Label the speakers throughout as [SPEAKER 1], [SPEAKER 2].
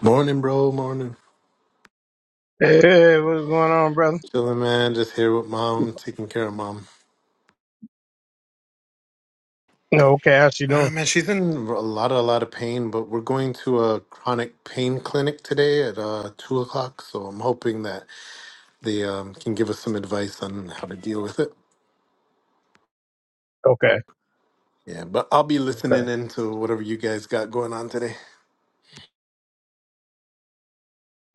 [SPEAKER 1] Morning, bro. Morning.
[SPEAKER 2] Hey, what's going on, brother?
[SPEAKER 1] Chilling, man. Just here with mom, taking care of mom.
[SPEAKER 2] Okay, how's you
[SPEAKER 1] Ah,
[SPEAKER 2] doing?
[SPEAKER 1] man, she's in a lot, a lot of pain, but we're going to a chronic pain clinic today at uh, two o'clock. So I'm hoping that they um, can give us some advice on how to deal with it.
[SPEAKER 2] Okay,
[SPEAKER 1] Yeah, but I'll be
[SPEAKER 2] okay,
[SPEAKER 1] listening into whatever you guys got going on today.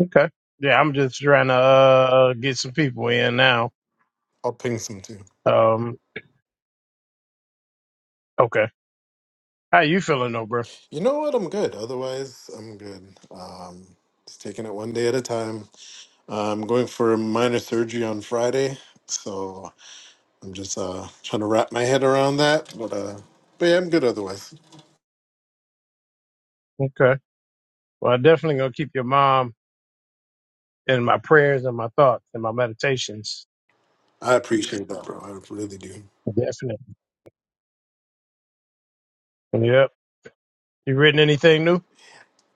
[SPEAKER 2] okay. Yeah, I'm just trying to uh, get some people in now.
[SPEAKER 1] I'll ping some too.
[SPEAKER 2] Um, okay. How you feeling though, bro?
[SPEAKER 1] You know what? I'm good. Otherwise, I'm good. Um, just taking it one day at a time. I'm going for minor surgery on Friday, so I'm just uh trying to wrap my head around that, but uh, but yeah, I'm good otherwise.
[SPEAKER 2] Okay. Well, I'm definitely gonna keep your mom in my prayers and my thoughts and my meditations.
[SPEAKER 1] I appreciate that, bro. I really do.
[SPEAKER 2] Definitely. Yep. You written anything new?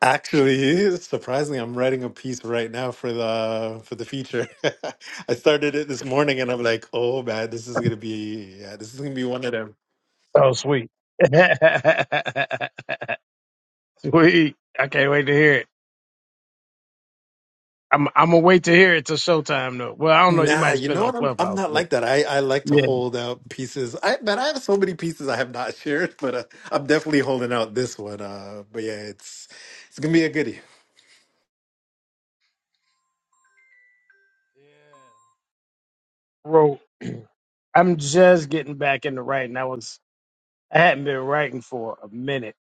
[SPEAKER 1] Actually, surprisingly, I'm writing a piece right now for the for the feature. I started it this morning, and I'm like, oh man, this is gonna be yeah, this is gonna be one of them.
[SPEAKER 2] Oh, sweet. sweet. I can't wait to hear it. I'm I'm gonna wait to hear it till showtime though. Well, I don't know. You
[SPEAKER 1] Nah,
[SPEAKER 2] might
[SPEAKER 1] you
[SPEAKER 2] spend
[SPEAKER 1] know
[SPEAKER 2] it on
[SPEAKER 1] what? I'm I'm
[SPEAKER 2] Clubhouse,
[SPEAKER 1] not
[SPEAKER 2] but
[SPEAKER 1] like that. I I like to
[SPEAKER 2] yeah,
[SPEAKER 1] hold out pieces. I man, I have so many pieces I have not shared, but uh, I'm definitely holding out this one. Uh, but yeah, it's it's gonna be a goodie.
[SPEAKER 2] wrote I'm just getting back into writing. I was I hadn't been writing for a minute,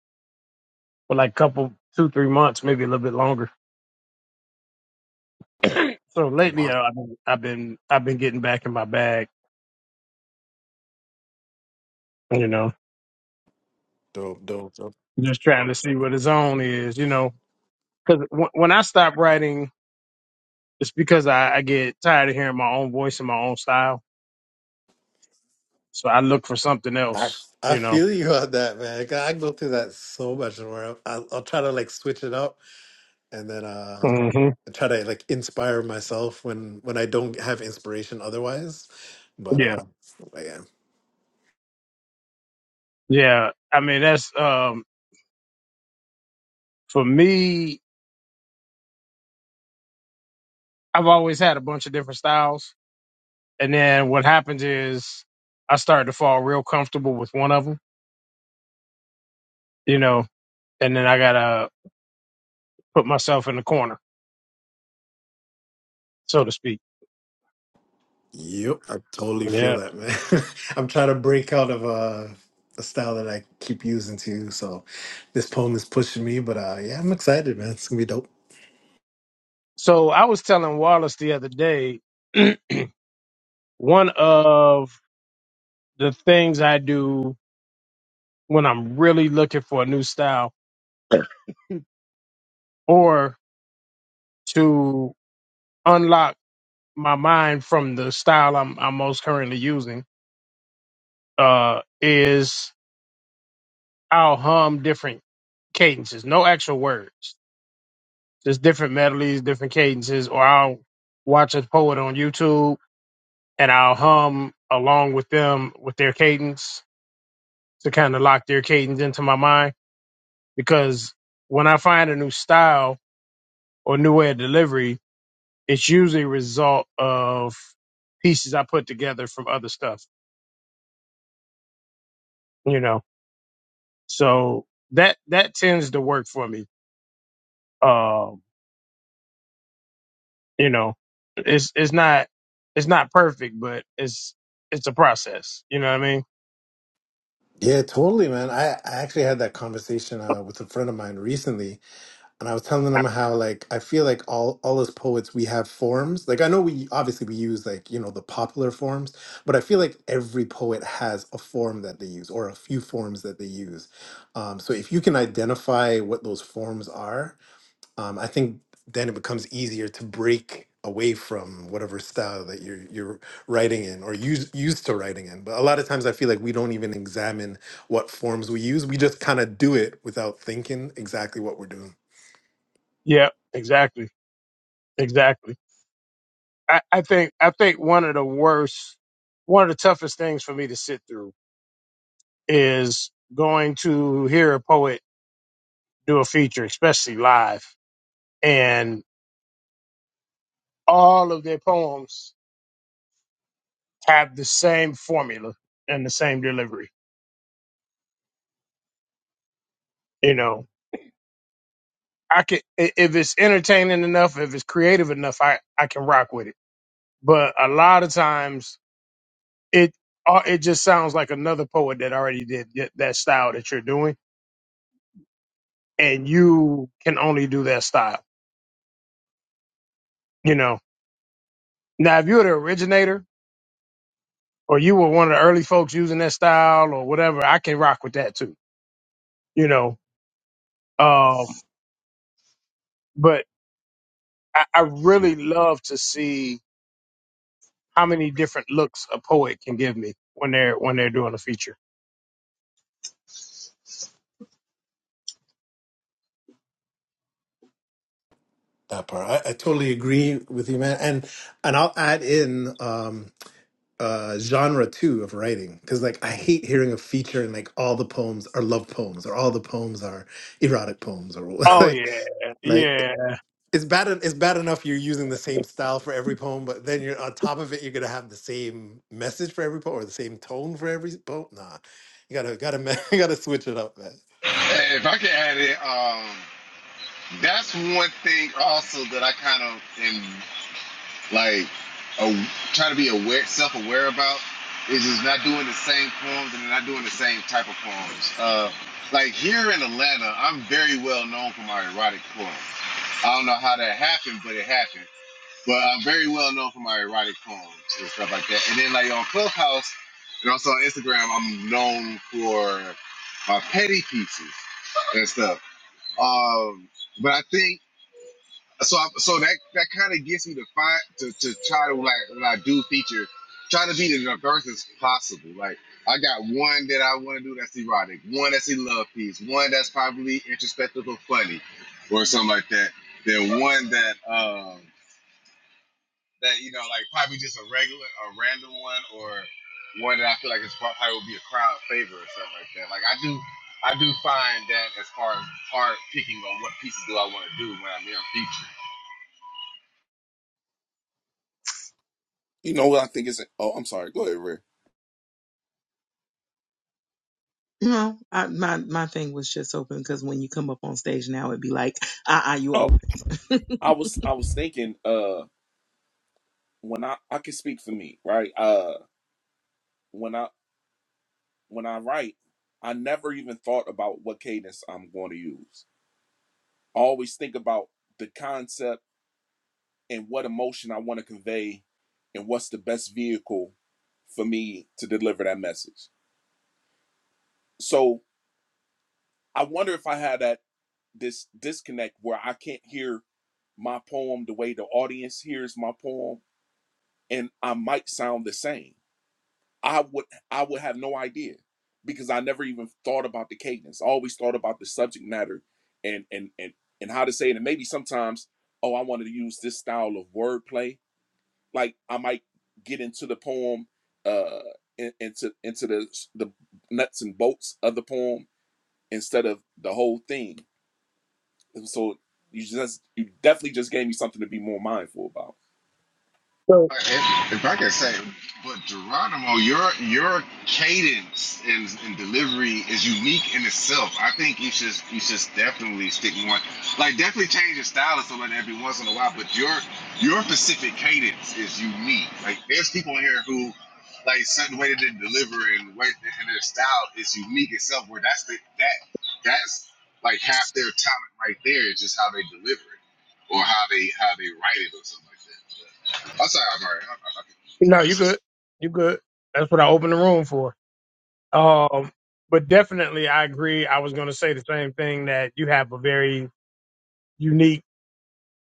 [SPEAKER 2] for like couple two three months, maybe a little bit longer. so lately,
[SPEAKER 1] Wow.
[SPEAKER 2] uh, I've been I've been I've been getting back in my bag. You know,
[SPEAKER 1] Dope, dope, dope.
[SPEAKER 2] just trying to see what his own is. You know, because w- when I stop writing, it's because I, I get tired of hearing my own voice and my own style. So I look for something
[SPEAKER 1] I
[SPEAKER 2] else.
[SPEAKER 1] I
[SPEAKER 2] You know.
[SPEAKER 1] feel you on that, man. 'Cause I go through that so much, and where I'll, I'll try to like switch it up, and then uh,
[SPEAKER 2] hmm
[SPEAKER 1] I try to like inspire myself when when I don't have inspiration otherwise. But
[SPEAKER 2] Yeah.
[SPEAKER 1] uh, but yeah,
[SPEAKER 2] Yeah. I mean, that's um for me. I've always had a bunch of different styles And then what happens is I start to fall real comfortable with one of them, you know, and then I gotta put myself in the corner, so to speak.
[SPEAKER 1] yep, I totally feel
[SPEAKER 2] Yeah.
[SPEAKER 1] that, man. I'm trying to break out of uh, a style that I keep using too. So this poem is pushing me, but uh, yeah, I'm excited, man. It's gonna be dope.
[SPEAKER 2] So I was telling Wallace the other day, one of the things I do when I'm really looking for a new style or to unlock my mind from the style I'm, I'm most currently using, uh, is I'll hum different cadences, no actual words. Just different melodies, different cadences, or I'll watch a poet on YouTube and I'll hum along with them with their cadence to kind of lock their cadence into my mind. Because when I find a new style or new way of delivery, it's usually a result of pieces I put together from other stuff, you know. So that that tends to work for me. Um, you know, it's it's not it's not perfect, but it's it's a process. You know what I
[SPEAKER 1] Yeah, totally, man. I, I actually had that conversation uh, with a friend of mine recently and I was telling
[SPEAKER 2] mean?
[SPEAKER 1] them how like I feel like all all as poets we have forms. Like I know we obviously we use like you know the popular forms, but I feel like every poet has a form that they use or a few forms that they use. Um, so if you can identify what those forms are, um, I think then it becomes easier to break away from whatever style that you're you're writing in or use, used to writing in. But a lot of times I feel like we don't even examine what forms we use. We just kind of do it without thinking exactly what we're doing.
[SPEAKER 2] Yeah, exactly. Exactly. I, I think I think one of the worst one of the toughest things for me to sit through is going to hear a poet do a feature, especially live, and all of their poems have the same formula and the same delivery. You know, I can i- if it's entertaining enough, if it's creative enough, I, I can rock with it. But a lot of times it uh, it just sounds like another poet that already did that that style that you're doing and you can only do that style. You know, now if you're the originator or you were one of the early folks using that style or whatever, I can rock with that too. You know, um, but I, I really love to see how many different looks a poet can give me when they're when they're doing a feature.
[SPEAKER 1] That part, I, I totally agree with you, man. And and I'll add in um, uh, genre too of writing because like I hate hearing a feature and like all the poems are love poems or all the poems are erotic poems or
[SPEAKER 2] Oh yeah,
[SPEAKER 1] like like
[SPEAKER 2] yeah.
[SPEAKER 1] it's bad. en- It's bad enough you're using the same style for every poem, but then you're on top of it, you're gonna have the same message for every poem or the same tone for every poem. Nah, you gotta gotta ma- you gotta switch it up, man.
[SPEAKER 3] Hey, if I can add it, um, that's one thing also that I kind of am like a, try to be aware, self-aware about is just not doing the same poems and not doing the same type of poems. Uh, like here in Atlanta, I'm very well known for my erotic poems. I don't know how that happened, but it happened. But I'm very well known for my erotic poems and stuff like that. And then like on Clubhouse and also on Instagram, I'm known for my petty pieces and stuff. Um, but I think so. I, so that that kind of gets me to find to, to try to like when I do feature, try to be as diverse as possible. Like I got one that I want to do that's erotic, one that's a love piece, one that's probably introspective or funny, or something like that. Then one that. um that you know, like probably just a regular, a random one, or one that I feel like it's probably would be a crowd favorite or something like that. Like I do, I do find that as far as hard picking on what pieces do I want to do when I'm in a feature.
[SPEAKER 4] You know what I think is? Oh, I'm sorry. Go ahead, Ray.
[SPEAKER 5] No, I, my my thing was just open because when you come up on stage now, it'd be like, ah, uh you
[SPEAKER 4] Oh,
[SPEAKER 5] open.
[SPEAKER 4] I was I was thinking uh when I I can speak for me, right? Uh when I when I write, I never even thought about what cadence I'm going to use. I always think about the concept and what emotion I want to convey and what's the best vehicle for me to deliver that message. So, I wonder if I had that this disconnect where I can't hear my poem the way the audience hears my poem and I might sound the same I would I would have no idea because I never even thought about the cadence. I always thought about the subject matter and and and and how to say it. And maybe sometimes, oh, I wanted to use this style of wordplay. Like I might get into the poem, uh, in- into into the the nuts and bolts of the poem instead of the whole thing. And so you just you definitely just gave me something to be more mindful about.
[SPEAKER 2] So
[SPEAKER 3] If, if I can say, but Geronimo, your your cadence and, and delivery is unique in itself. I think you should you should definitely stick more, like definitely change your style or something every once in a while. But your your specific cadence is unique. Like there's people in here who like certain way that they deliver and way and their style is unique itself. Where that's the that that's like half their talent right there is just how they deliver it or how they how they write it or something like that. I'm sorry, I'm alright. I'm, I'm, I'm,
[SPEAKER 2] no, you good, you good. That's what I opened the room for. Um, but definitely, I agree. I was going to say the same thing that you have a very unique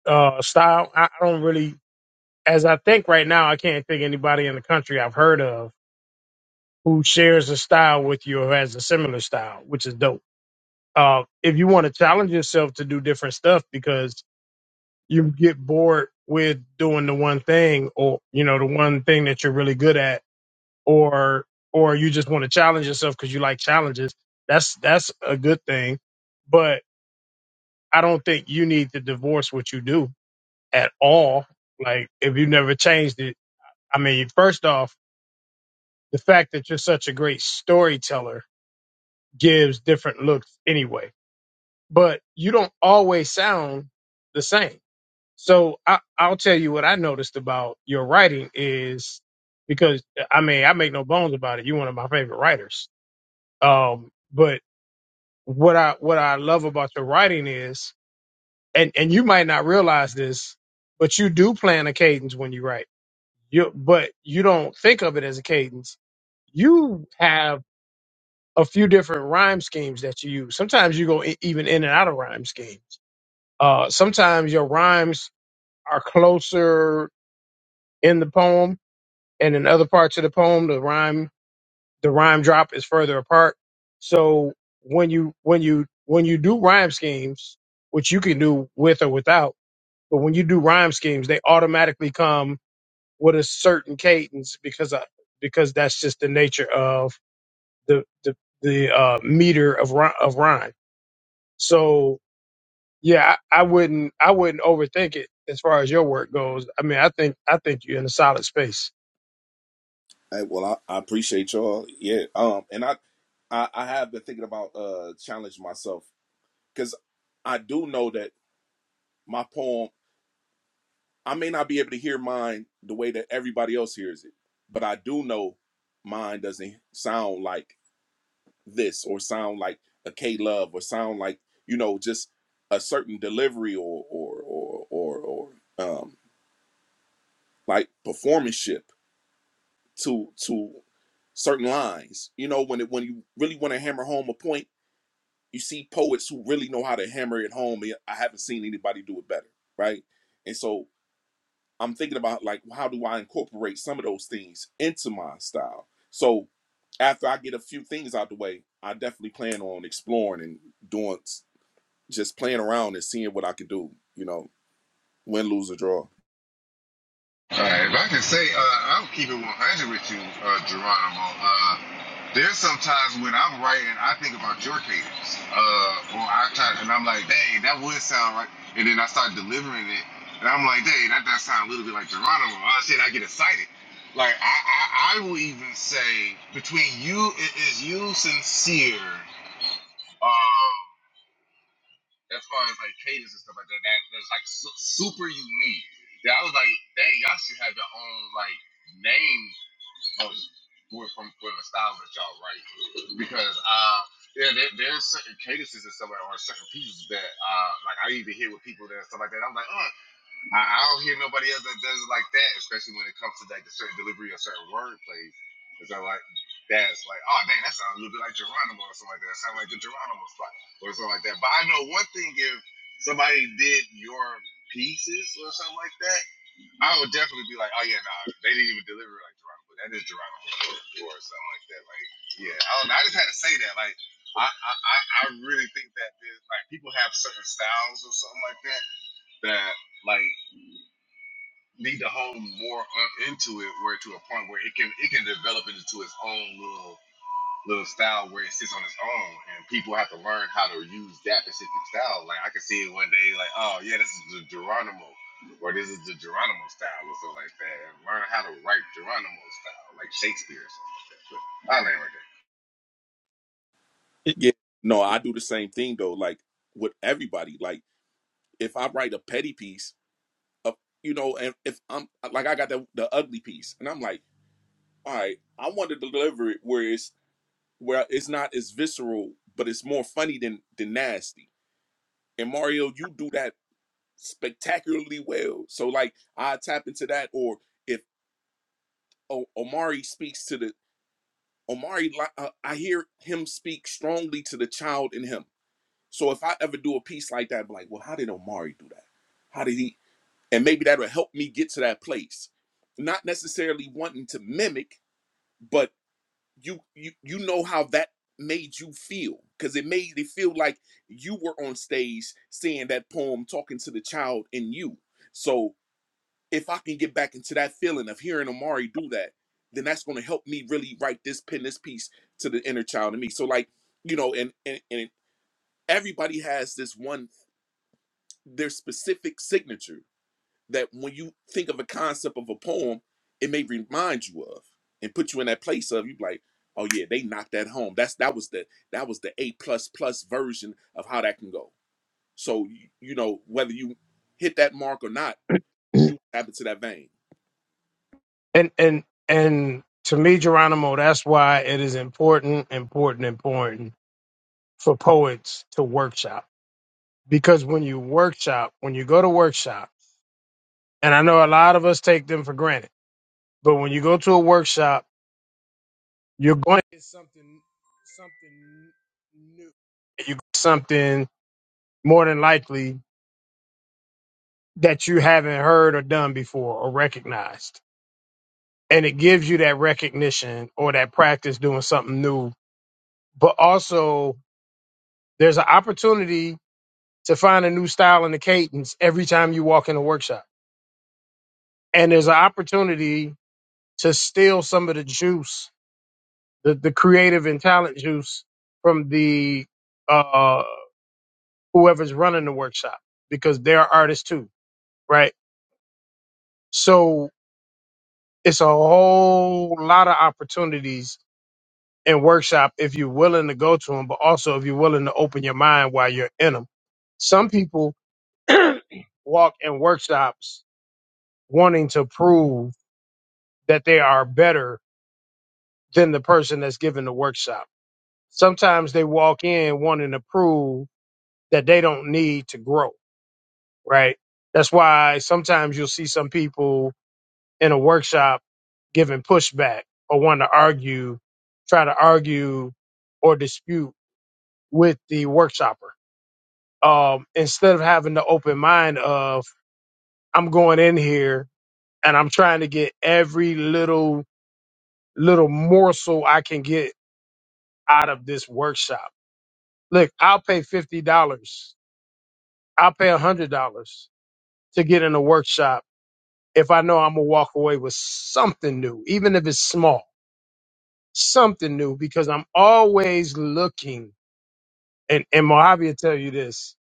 [SPEAKER 2] uh, style. I, I don't really, as I think right now, I can't think anybody in the country I've heard of who shares a style with you or has a similar style, which is dope. Uh, if you want to challenge yourself to do different stuff because you get bored with doing the one thing or, you know, the one thing that you're really good at or, or you just want to challenge yourself because you like challenges, that's, that's a good thing. But I don't think you need to divorce what you do at all. Like if you never changed it, I mean, first off, the fact that you're such a great storyteller gives different looks anyway, but you don't always sound the same. So I, I'll tell you what I noticed about your writing is because I mean, I make no bones about it. You're one of my favorite writers. Um, but what I, what I love about your writing is, and, and you might not realize this, but you do plan a cadence when you write you, but you don't think of it as a cadence. You have a few different rhyme schemes that you use. Sometimes you go e- even in and out of rhyme schemes. Uh, sometimes your rhymes are closer in the poem, and in other parts of the poem, the rhyme the rhyme drop is further apart. So when you when you when you do rhyme schemes, which you can do with or without, but when you do rhyme schemes, they automatically come with a certain cadence because I, because that's just the nature of the the the uh, meter of rhy- of rhyme. So yeah, I, I wouldn't I wouldn't overthink it as far as your work goes. I mean, I think I think you're in a solid space.
[SPEAKER 4] Hey, well, I, I appreciate y'all. Yeah. Um, and I, I, I have been thinking about uh challenging myself because I do know that my poem. I may not be able to hear mine the way that everybody else hears it, but I do know mine doesn't sound like this or sound like a K Love or sound like you know just a certain delivery or or or or, or um like performance ship to to certain lines. You know when it when you really want to hammer home a point you see poets who really know how to hammer it home. and I haven't seen anybody do it better, right? And so I'm thinking about like how do I incorporate some of those things into my style. So after I get a few things out the way, I definitely plan on exploring and doing just playing around and seeing what I can do. You know, win, lose, or draw.
[SPEAKER 3] all right, if I can say, uh, I'll keep it 100 with you, uh, Geronimo. Uh, there's sometimes when I'm writing, I think about your cadence, uh, or I try, and I'm like, dang, that would sound right, and then I start delivering it, and I'm like, dang, that that sound a little bit like Geronimo. Oh shit, I get excited. Like I, I, I will even say between you, it is you sincere. Um, as far as like cadence and stuff like that. that that's like su- super unique. That I was like, dang, y'all should have your own like name for for, from, for the styles that y'all write because uh. Yeah, there, there's certain cadences and stuff, like, or certain pieces that, uh, like I even hear with people that and stuff like that. I'm like, oh, I, I don't hear nobody else that does it like that, especially when it comes to like the certain delivery or certain word plays. It's not like that's like, oh dang, that sounds a little bit like Geronimo or something like that. That sounds like the Geronimo spot or something like that. But I know one thing: if somebody did your pieces or something like that, I would definitely be like, oh yeah, nah, they didn't even deliver it like Geronimo. That is Geronimo or, or something like that. Like, yeah, I don't know. I just had to say that. Like, I I, I I really think that there's like people have certain styles or something like that that like need to hone more on- into it, where to a point where it can it can develop into its own little little style where it sits on its own, and people have to learn how to use that specific style. Like I could see it one day, like oh yeah, this is the Geronimo, or this is the Geronimo style, or something like that, and learn how to write Geronimo style, like Shakespeare or something like that. But I land right there.
[SPEAKER 4] Yeah. No, I do the same thing though. Like with everybody, like if I write a petty piece, uh, you know, and if I'm like I got the the ugly piece, and I'm like all right, I want to deliver it where it's where it's not as visceral, but it's more funny than than nasty. And Mario, you do that spectacularly well. So like I tap into that, or if o- Omari speaks to the Omari, li- uh, I hear him speak strongly to the child in him. So if I ever do a piece like that, I'm like, well, how did Omari do that? How did he? And maybe that'll help me get to that place, not necessarily wanting to mimic, but you you you know how that made you feel because it made it feel like you were on stage saying that poem talking to the child in you so if i can get back into that feeling of hearing amari do that then that's going to help me really write this pen this piece to the inner child in me so like you know and and, and everybody has this one their specific signature that when you think of a concept of a poem, it may remind you of and put you in that place of you be like, oh yeah, they knocked that home. That's that was the that was the A plus plus version of how that can go. So you, you know whether you hit that mark or not, you tap into that vein,
[SPEAKER 2] And and and to me, Geronimo, that's why it is important, important, important for poets to workshop. Because when you workshop, when you go to workshop, and I know a lot of us take them for granted, but when you go to a workshop, you're going to get something something new. You get something more than likely that you haven't heard or done before or recognized. And it gives you that recognition or that practice doing something new. But also, there's an opportunity to find a new style and a cadence every time you walk in a workshop. And there's an opportunity to steal some of the juice, the, the creative and talent juice from the uh, whoever's running the workshop because they're artists too, right? So it's a whole lot of opportunities and workshop if you're willing to go to them, but also if you're willing to open your mind while you're in them. Some people walk in workshops wanting to prove that they are better than the person that's giving the workshop. Sometimes they walk in wanting to prove that they don't need to grow, right? That's why sometimes you'll see some people in a workshop giving pushback or wanting to argue, try to argue or dispute with the workshopper um, instead of having the open mind of I'm going in here and I'm trying to get every little little morsel I can get out of this workshop. Look, I'll pay fifty dollars. I'll pay a hundred dollars to get in a workshop if I know I'm gonna walk away with something new, even if it's small, something new, because I'm always looking. And and Mojave will tell you this: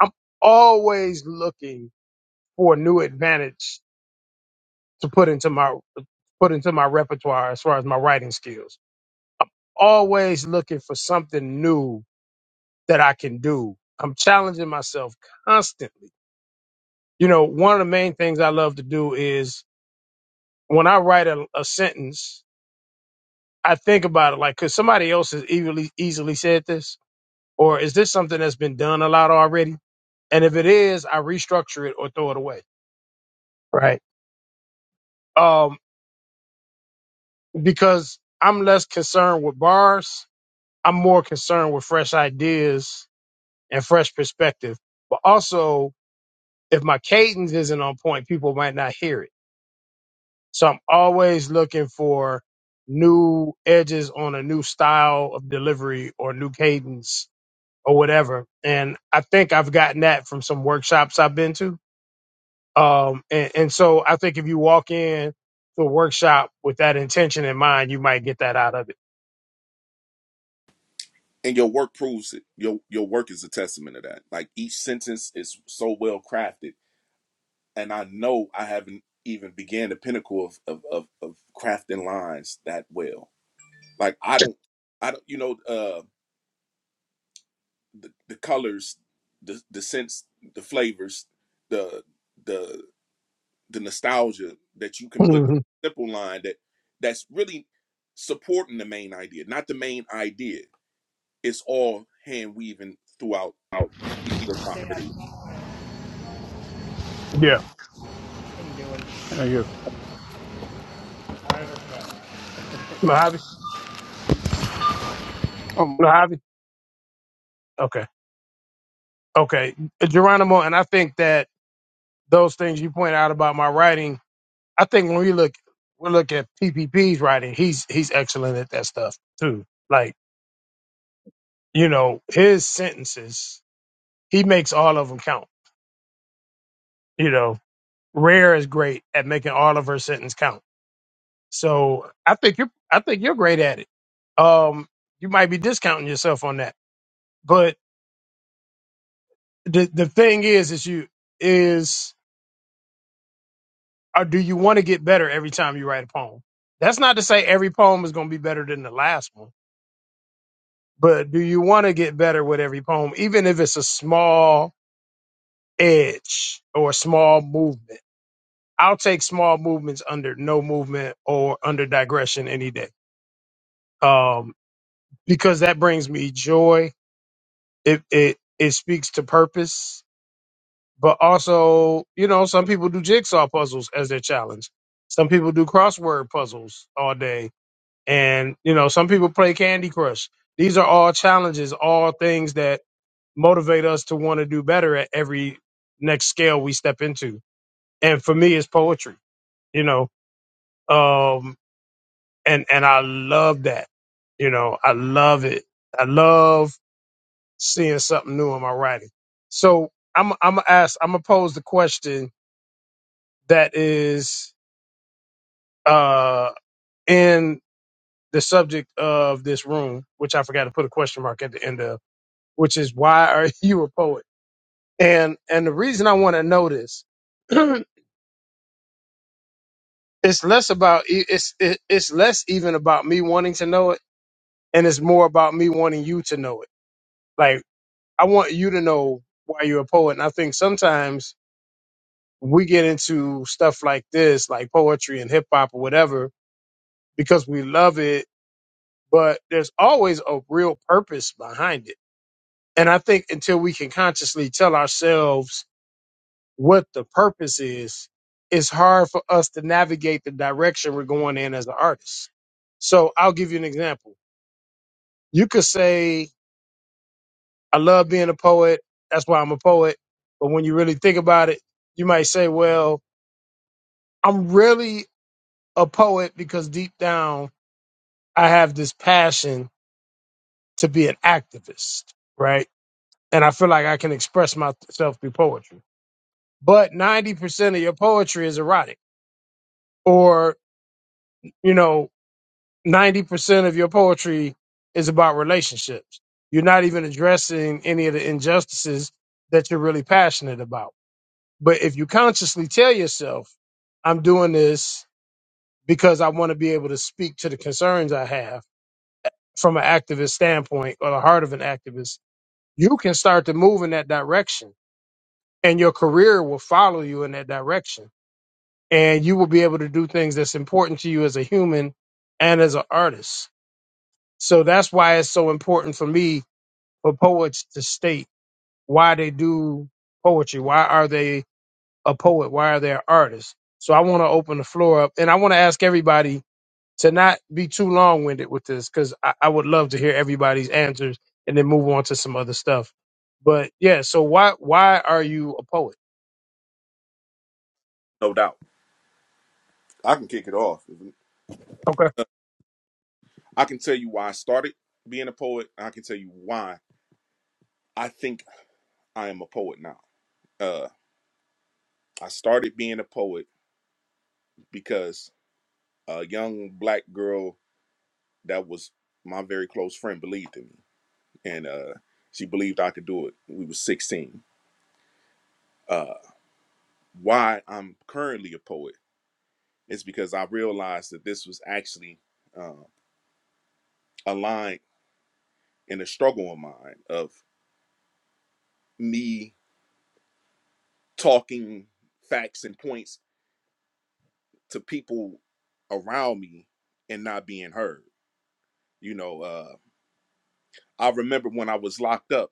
[SPEAKER 2] I'm always looking for a new advantage to put into my put into my repertoire as far as my writing skills. Always looking for something new that I can do. I'm challenging myself constantly. You know, one of the main things I love to do is when I write a, a sentence, I think about it like, could somebody else has easily, easily said this? Or is this something that's been done a lot already? And if it is, I restructure it or throw it away. Right. Um, because I'm less concerned with bars. I'm more concerned with fresh ideas and fresh perspective. But also, if my cadence isn't on point, people might not hear it. So I'm always looking for new edges on a new style of delivery or new cadence or whatever. And I think I've gotten that from some workshops I've been to. Um, and, and so I think if you walk in to a workshop with that intention in mind, you might get that out of it.
[SPEAKER 4] and your work proves it. Your your work is a testament of that. Like each sentence is so well crafted, and I know I haven't even began the pinnacle of of of, of crafting lines that well. Like I don't I don't you know. Uh, the, the colors, the the scents, the flavors, the the the nostalgia that you can put in
[SPEAKER 2] Mhm.
[SPEAKER 4] a simple line that that's really supporting the main idea, not the main idea. It's all hand weaving throughout
[SPEAKER 6] out.
[SPEAKER 4] each piece of I heard of you,
[SPEAKER 2] Yeah.
[SPEAKER 6] Thank you.
[SPEAKER 2] Mojave. Mojave. Okay. Okay. Geronimo. And I think that those things you point out about my writing, I think when we look we look at PPP's writing, he's he's excellent at that stuff too. Like you know his sentences, he makes all of them count. You know, Rare is great at making all of her sentence count. So I think you're I think you're great at it. Um, you might be discounting yourself on that, but the the thing is, is you is or do you want to get better every time you write a poem? That's not to say every poem is going to be better than the last one but do you want to get better with every poem, even if it's a small edge or a small movement? I'll take small movements under no movement or under digression any day, um, because that brings me joy. It it it speaks to purpose, but also you know some people do jigsaw puzzles as their challenge. Some people do crossword puzzles all day, and you know some people play Candy Crush. These are all challenges, all things that motivate us to want to do better at every next scale we step into. And for me, it's poetry, you know. Um, and and I love that, you know. I love it. I love seeing something new in my writing. So I'm I'm gonna ask. I'm gonna pose the question that is uh in the subject of this room, which I forgot to put a question mark at the end of, which is why are you a poet? And and the reason I want to know this it's less about e- it's it, it's less even about me wanting to know it and it's more about me wanting you to know it like i want you to know why you're a poet and i think sometimes we get into stuff like this like poetry and hip hop or whatever because we love it but there's always a real purpose behind it and i think until we can consciously tell ourselves what the purpose is it's hard for us to navigate the direction we're going in as an artist so I'll give you an example. You could say, I love being a poet. That's why I'm a poet. But when you really think about it, you might say, well, I'm really a poet because deep down I have this passion to be an activist, right? And I feel like I can express myself through poetry. But 90% of your poetry is erotic or, you know, 90% of your poetry is about relationships. You're not even addressing any of the injustices that you're really passionate about But if you consciously tell yourself, I'm doing this because I want to be able to speak to the concerns I have from an activist standpoint or the heart of an activist, you can start to move in that direction and your career will follow you in that direction. And you will be able to do things that's important to you as a human and as an artist. So that's why it's so important for me for poets to state why they do poetry. Why are they a poet? Why are there artists? So I want to open the floor up and I want to ask everybody to not be too long winded with this because I, I would love to hear everybody's answers and then move on to some other stuff. But yeah, so why why are you a poet?
[SPEAKER 4] no doubt. I can kick it off.
[SPEAKER 2] Okay.
[SPEAKER 4] I can tell you why I started being a poet. I can tell you why I think I am a poet now. Uh, I started being a poet because a young black girl that was my very close friend believed in me and uh she believed i could do it we was 16 uh why i'm currently a poet is because i realized that this was actually uh, a line in a struggle of mine of me talking facts and points to people around me and not being heard you know uh i remember when i was locked up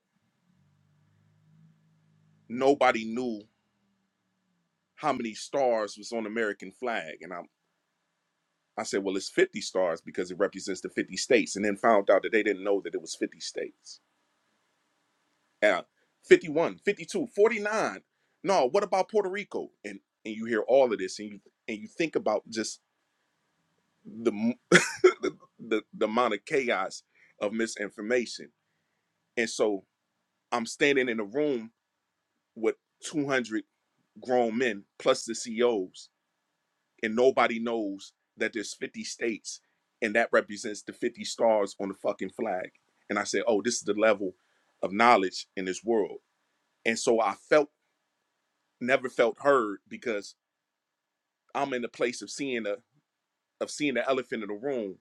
[SPEAKER 4] nobody knew how many stars was on the american flag and I. I said, well, it's 50 stars because it represents the 50 states. And then found out that they didn't know that it was 50 states. Uh, 51, 52, 49. No, what about Puerto Rico? And and you hear all of this and you and you think about just the m- the, the, the amount of chaos of misinformation. And so I'm standing in a room with 200 grown men plus the CEOs and nobody knows that there's 50 states and that represents the 50 stars on the fucking flag. And I said, "Oh, this is the level of knowledge in this world." And so I felt never felt heard because I'm in the place of seeing a of seeing the elephant in the room,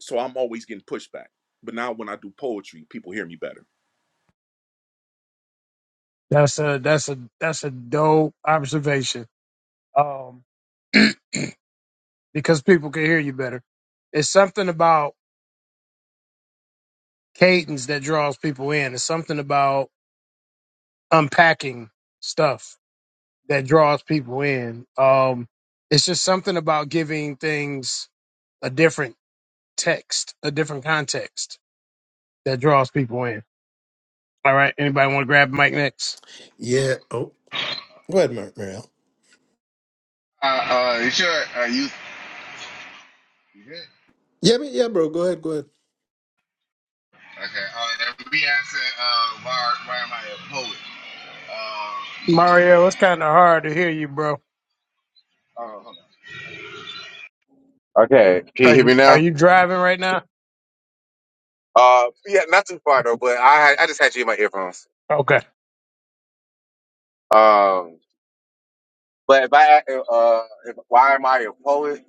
[SPEAKER 4] so I'm always getting pushback. But now when I do poetry, people hear me better.
[SPEAKER 2] That's a that's a that's a dope observation. Um Because people can hear you better. It's something about cadence that draws people in. It's something about unpacking stuff. that draws people in. Um, it's just something about giving things a different text, a different context that draws people in. All right. Anybody want to grab the mic next?
[SPEAKER 1] Yeah. Oh, go ahead, Mar- Marielle.
[SPEAKER 3] Uh, uh, you sure? Uh, you you good?
[SPEAKER 1] Yeah, I mean, yeah, bro. Go ahead, go ahead.
[SPEAKER 3] Okay. Uh, and we asking, uh, why why am I a poet? Uh,
[SPEAKER 2] Mario, it's kind of hard to hear you, bro.
[SPEAKER 3] oh, hold on. Okay, can you
[SPEAKER 2] Are
[SPEAKER 3] hear me
[SPEAKER 2] you, are
[SPEAKER 3] now?
[SPEAKER 2] you driving right now?
[SPEAKER 3] Uh, yeah, not too far though, but I I just had you in my earphones.
[SPEAKER 2] Okay.
[SPEAKER 3] Um, but if I uh, if, why am I a poet?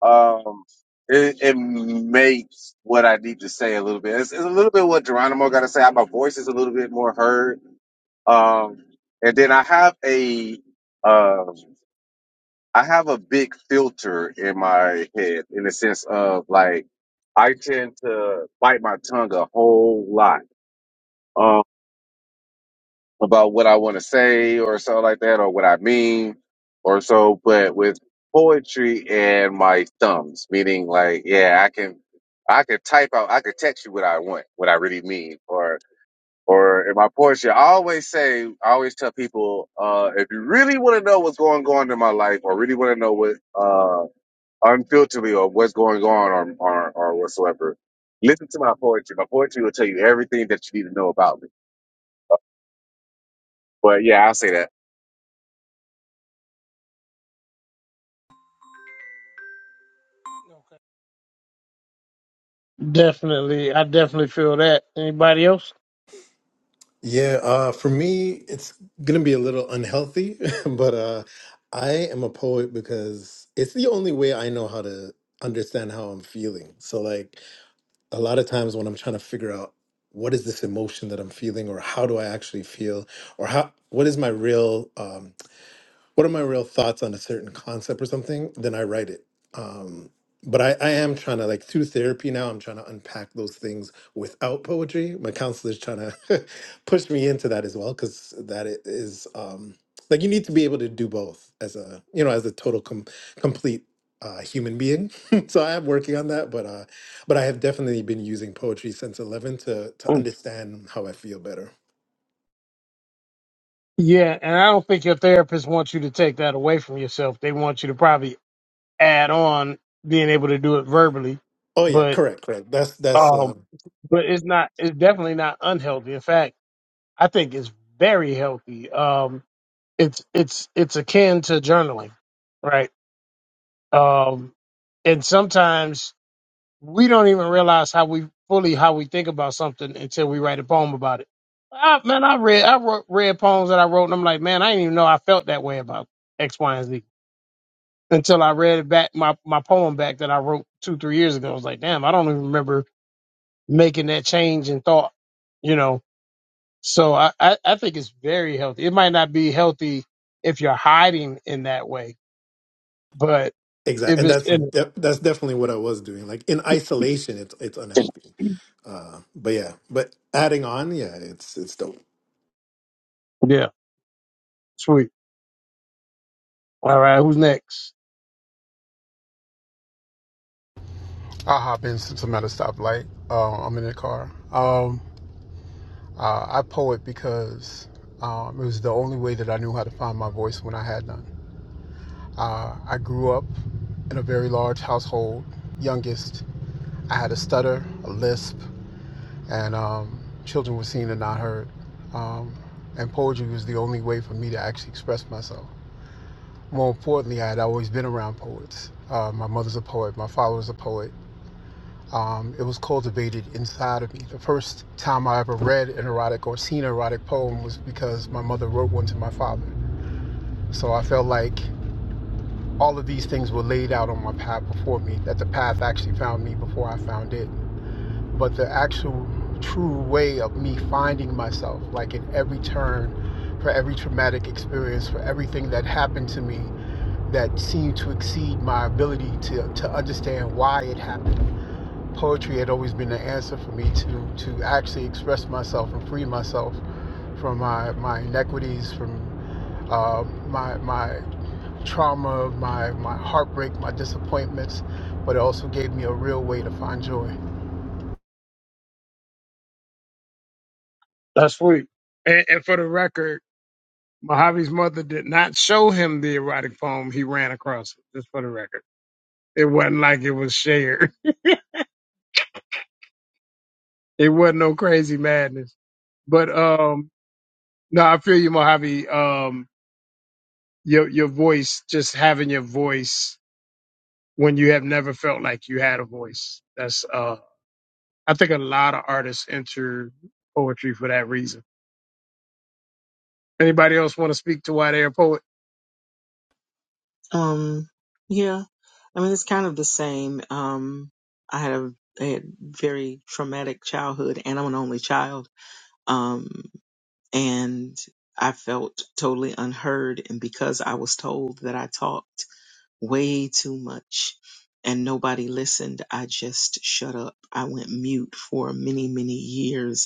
[SPEAKER 3] Um, it, it makes what I need to say a little bit. It's, it's a little bit what Geronimo got to say. My voice is a little bit more heard. Um, and then I have a um, I have a big filter in my head in the sense of like I tend to bite my tongue a whole lot. Um, about what I want to say or something like that or what I mean or so, but with poetry and my thumbs, meaning like, yeah, I can, I can type out, I can text you what I want, what I really mean or, or in my poetry, I always say, I always tell people, uh, if you really want to know what's going on in my life or really want to know what, uh, unfilteredly or what's going on or, or, or whatsoever, listen to my poetry. My poetry will tell you everything that you need to know about me. But yeah, I'll say that.
[SPEAKER 2] Definitely. I definitely feel that. Anybody else?
[SPEAKER 1] Yeah, uh, for me, it's gonna be a little unhealthy, but uh, I am a poet because it's the only way I know how to understand how I'm feeling. So, like, a lot of times when I'm trying to figure out what is this emotion that I'm feeling, or how do I actually feel, or how what is my real um, what are my real thoughts on a certain concept or something, then I write it. Um, but I, I am trying to like through therapy now. I'm trying to unpack those things without poetry. My counselor's trying to push me into that as well because that i- is um, like you need to be able to do both as a you know as a total com- complete uh, human being. so I am working on that, but uh, but I have definitely been using poetry since 11 to to
[SPEAKER 2] Mm.
[SPEAKER 1] understand how I feel better.
[SPEAKER 2] Yeah. And I don't think your therapist wants you to take that away from yourself. They want you to probably add on being able to do it verbally.
[SPEAKER 1] Oh yeah,
[SPEAKER 2] But,
[SPEAKER 1] correct, correct. That's that's
[SPEAKER 2] um,
[SPEAKER 1] uh,
[SPEAKER 2] but it's not it's definitely not unhealthy in fact i think it's very healthy um it's it's it's akin to journaling right um and sometimes we don't even realize how we fully how we think about something until we write a poem about it I, man i read i wrote, read poems that i wrote and i'm like man i didn't even know i felt that way about x y and z until i read it back my my poem back that i wrote two three years ago i was like damn i don't even remember making that change in thought you know So I, I, I think it's very healthy. It might not be healthy if you're hiding in that way, but
[SPEAKER 1] Exactly,
[SPEAKER 2] if
[SPEAKER 1] and
[SPEAKER 2] it's
[SPEAKER 1] that's
[SPEAKER 2] in
[SPEAKER 1] de- that's definitely what I was doing. Like in isolation, it's it's
[SPEAKER 2] it,
[SPEAKER 1] unhealthy. Uh, but yeah, but adding on, yeah, it's it's dope.
[SPEAKER 2] yeah, sweet. All right, who's next?
[SPEAKER 6] I hop in since I'm at a stoplight. Uh, I'm in the car. Um, uh, I poet because um, it was the only way that I knew how to find my voice when I had none. Uh, I grew up in a very large household, youngest. I had a stutter, a lisp, and um, children were seen and not heard. Um, and poetry was the only way for me to actually express myself. More importantly, I had always been around poets. Uh, my mother's a poet, my father was a poet. Um, it was cultivated inside of me. The first time I ever read an erotic or seen an erotic poem was because my mother wrote one to my father. So I felt like all of these things were laid out on my path before me, that the path actually found me before I found it. But the actual true way of me finding myself, like in every turn, for every traumatic experience, for everything that happened to me that seemed to exceed my ability to, to understand why it happened poetry had always been the answer for me to to actually express myself and free myself from my my inequities, from uh, my my trauma, my my heartbreak, my disappointments. But it also gave me a real way to find joy.
[SPEAKER 2] That's sweet. And, and for the record, Mojave's mother did not show him the erotic poem. He ran across it, just for the record. It wasn't like it was shared. It wasn't no crazy madness. But um, no, I feel you, Mojave. Um, your your voice, just having your voice when you have never felt like you had a voice. That's uh I think a lot of artists enter poetry for that reason. Anybody else want to speak to why they're a poet?
[SPEAKER 5] um, yeah, I mean it's kind of the same. Um, I had a, I had very traumatic childhood, and I'm an only child. Um, and I felt totally unheard, and because I was told that I talked way too much and nobody listened, I just shut up. I went mute for many many years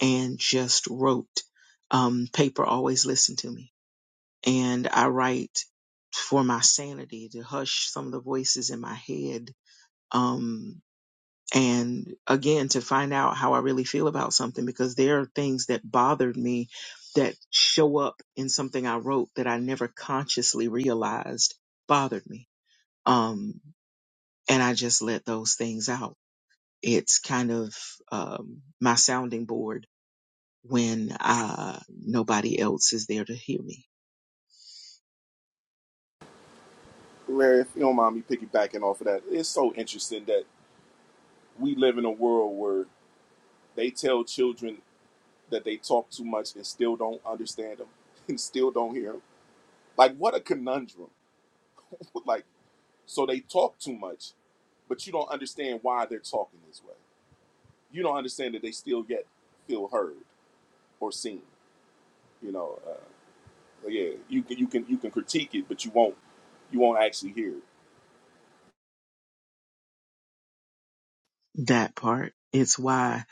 [SPEAKER 5] and just wrote. Um, paper always listened to me. And I write for my sanity to hush some of the voices in my head. Um, and again, to find out how I really feel about something because there are things that bothered me that show up in something I wrote that I never consciously realized bothered me. Um, and I just let those things out. It's kind of um, my sounding board when uh, nobody else is there to hear me.
[SPEAKER 4] Larry, if you don't mind me piggybacking off of that, it's so interesting that we live in a world where they tell children that they talk too much and still don't understand them and still don't hear hear them. Like, what a conundrum. Like, so they talk too much, but you don't understand why they're talking this way. You don't understand that they still yet feel heard or seen. You know, uh, yeah, you can you can you can critique it, but you won't you won't actually hear it.
[SPEAKER 5] That part. It's why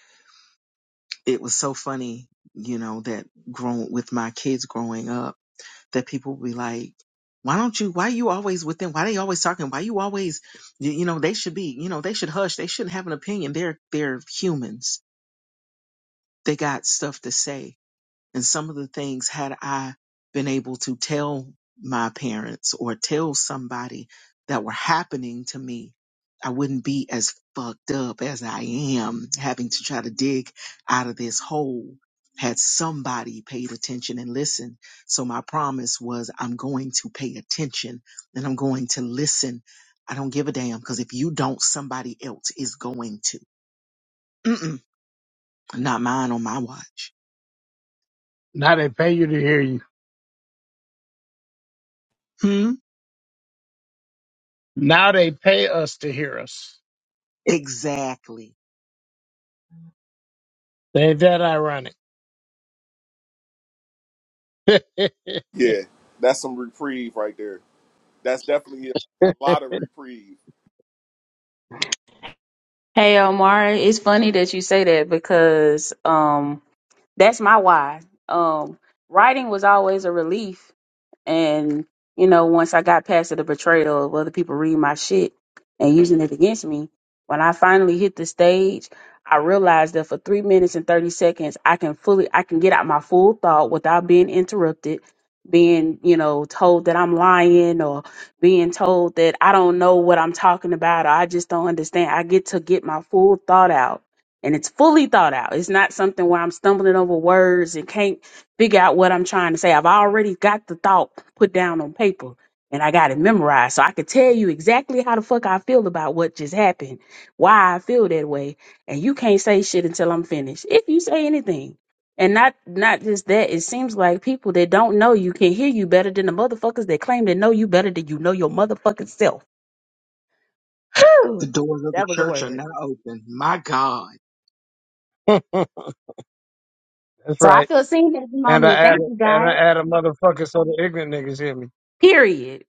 [SPEAKER 5] it was so funny, you know, that grown with my kids growing up, that people be like, why don't you, why you always with them? Why they always talking? Why you always, you, you know, they should be, you know, they should hush. They shouldn't have an opinion. They're, they're humans. They got stuff to say. And some of the things, had I been able to tell my parents or tell somebody that were happening to me, I wouldn't be as fucked up as I am having to try to dig out of this hole. Had somebody paid attention and listened. So my promise was I'm going to pay attention and I'm going to listen. I don't give a damn because if you don't, somebody else is going to. Mm-mm, not mine on my watch.
[SPEAKER 2] Now they pay you to hear you.
[SPEAKER 5] Hmm?
[SPEAKER 2] Now they pay us to hear us.
[SPEAKER 5] Exactly.
[SPEAKER 2] Ain't that ironic? That's
[SPEAKER 4] Yeah, that's some reprieve right there. That's definitely a, a lot of reprieve.
[SPEAKER 7] Hey Omari, it's funny that you say that because um that's my why. Um writing was always a relief and, you know, once I got past the betrayal of other people reading my shit and using it against me, when I finally hit the stage, I realized that for three minutes and 30 seconds, I can fully, I can get out my full thought without being interrupted, being, you know, told that I'm lying or being told that I don't know what I'm talking about or I just don't understand. I get to get my full thought out and it's fully thought out. It's not something where I'm stumbling over words and can't figure out what I'm trying to say. I've already got the thought put down on paper and I got it memorized. So I could tell you exactly how the fuck I feel about what just happened, why I feel that way. And you can't say shit until I'm finished. If you say anything. And not not just that, it seems like people that don't know you can hear you better than the motherfuckers that claim to know you better than you know your motherfucking self.
[SPEAKER 5] The
[SPEAKER 7] Whew,
[SPEAKER 5] doors of the
[SPEAKER 7] that was a
[SPEAKER 5] church are
[SPEAKER 7] word.
[SPEAKER 5] not open. My God.
[SPEAKER 7] So I
[SPEAKER 2] right.
[SPEAKER 7] feel seen at the
[SPEAKER 2] And I
[SPEAKER 7] moment.
[SPEAKER 2] add
[SPEAKER 7] Thank you
[SPEAKER 2] and I
[SPEAKER 7] guys.
[SPEAKER 2] add a motherfucker so the ignorant niggas hear me.
[SPEAKER 7] Period.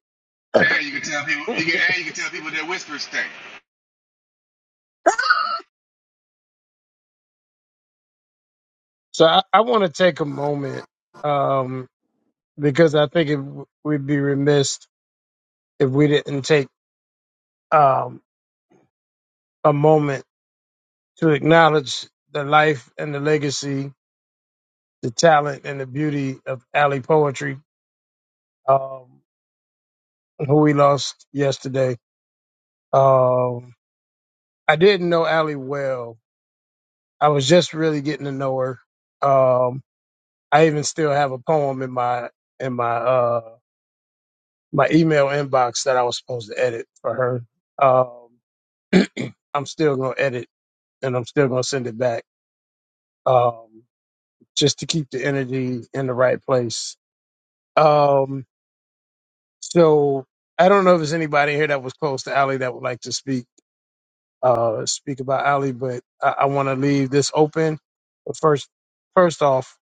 [SPEAKER 3] And you can tell people, you can, and you can tell people that whispers stink.
[SPEAKER 2] So I, I want to take a moment um because I think it, we'd be remiss if we didn't take um, a moment to acknowledge the life and the legacy, the talent and the beauty of Alley Poetry, um, who we lost yesterday. Um, I didn't know Allie well. I was just really getting to know her. Um, I even still have a poem in my in my uh, my email inbox that I was supposed to edit for her. Um, I'm still gonna edit and I'm still gonna send it back um, just to keep the energy in the right place. Um, So I don't know if there's anybody here that was close to Ali that would like to speak uh speak about Ali, but I, I want to leave this open. But first, first off,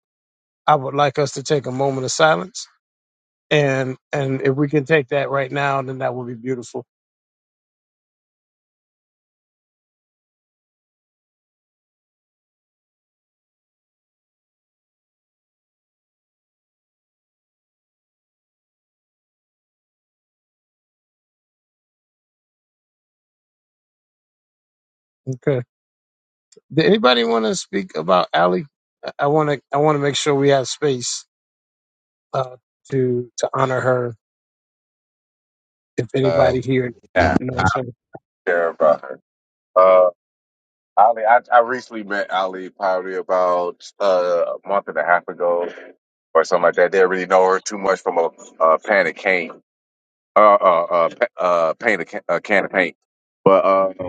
[SPEAKER 2] I would like us to take a moment of silence, and and if we can take that right now, then that would be beautiful. Okay. Did anybody want to speak about Ali? I want to I want to make sure we have space uh, to to honor her. If
[SPEAKER 3] Uh,
[SPEAKER 2] anybody here
[SPEAKER 3] yeah,
[SPEAKER 2] knows her,
[SPEAKER 3] care about her. Uh, Ali, I, I recently met Ali probably about uh, a month and a half ago or something like that. Didn't really know her too much from a, uh pan of cane, uh, uh, uh, pa- uh paint a, ca- a can of paint. But uh,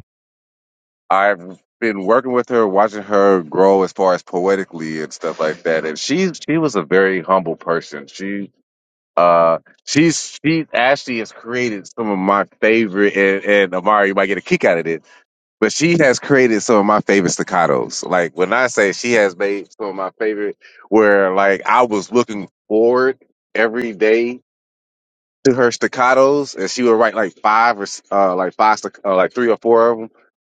[SPEAKER 3] I've been working with her, watching her grow as far as poetically and stuff like that. And she's she was a very humble person. She Uh, she's she actually has created some of my favorite, and, and Amari you might get a kick out of it, but she has created some of my favorite staccatos. Like when I say she has made some of my favorite, where like I was looking forward every day to her staccatos, and she would write like five or s- uh like five stac- uh, like three or four of them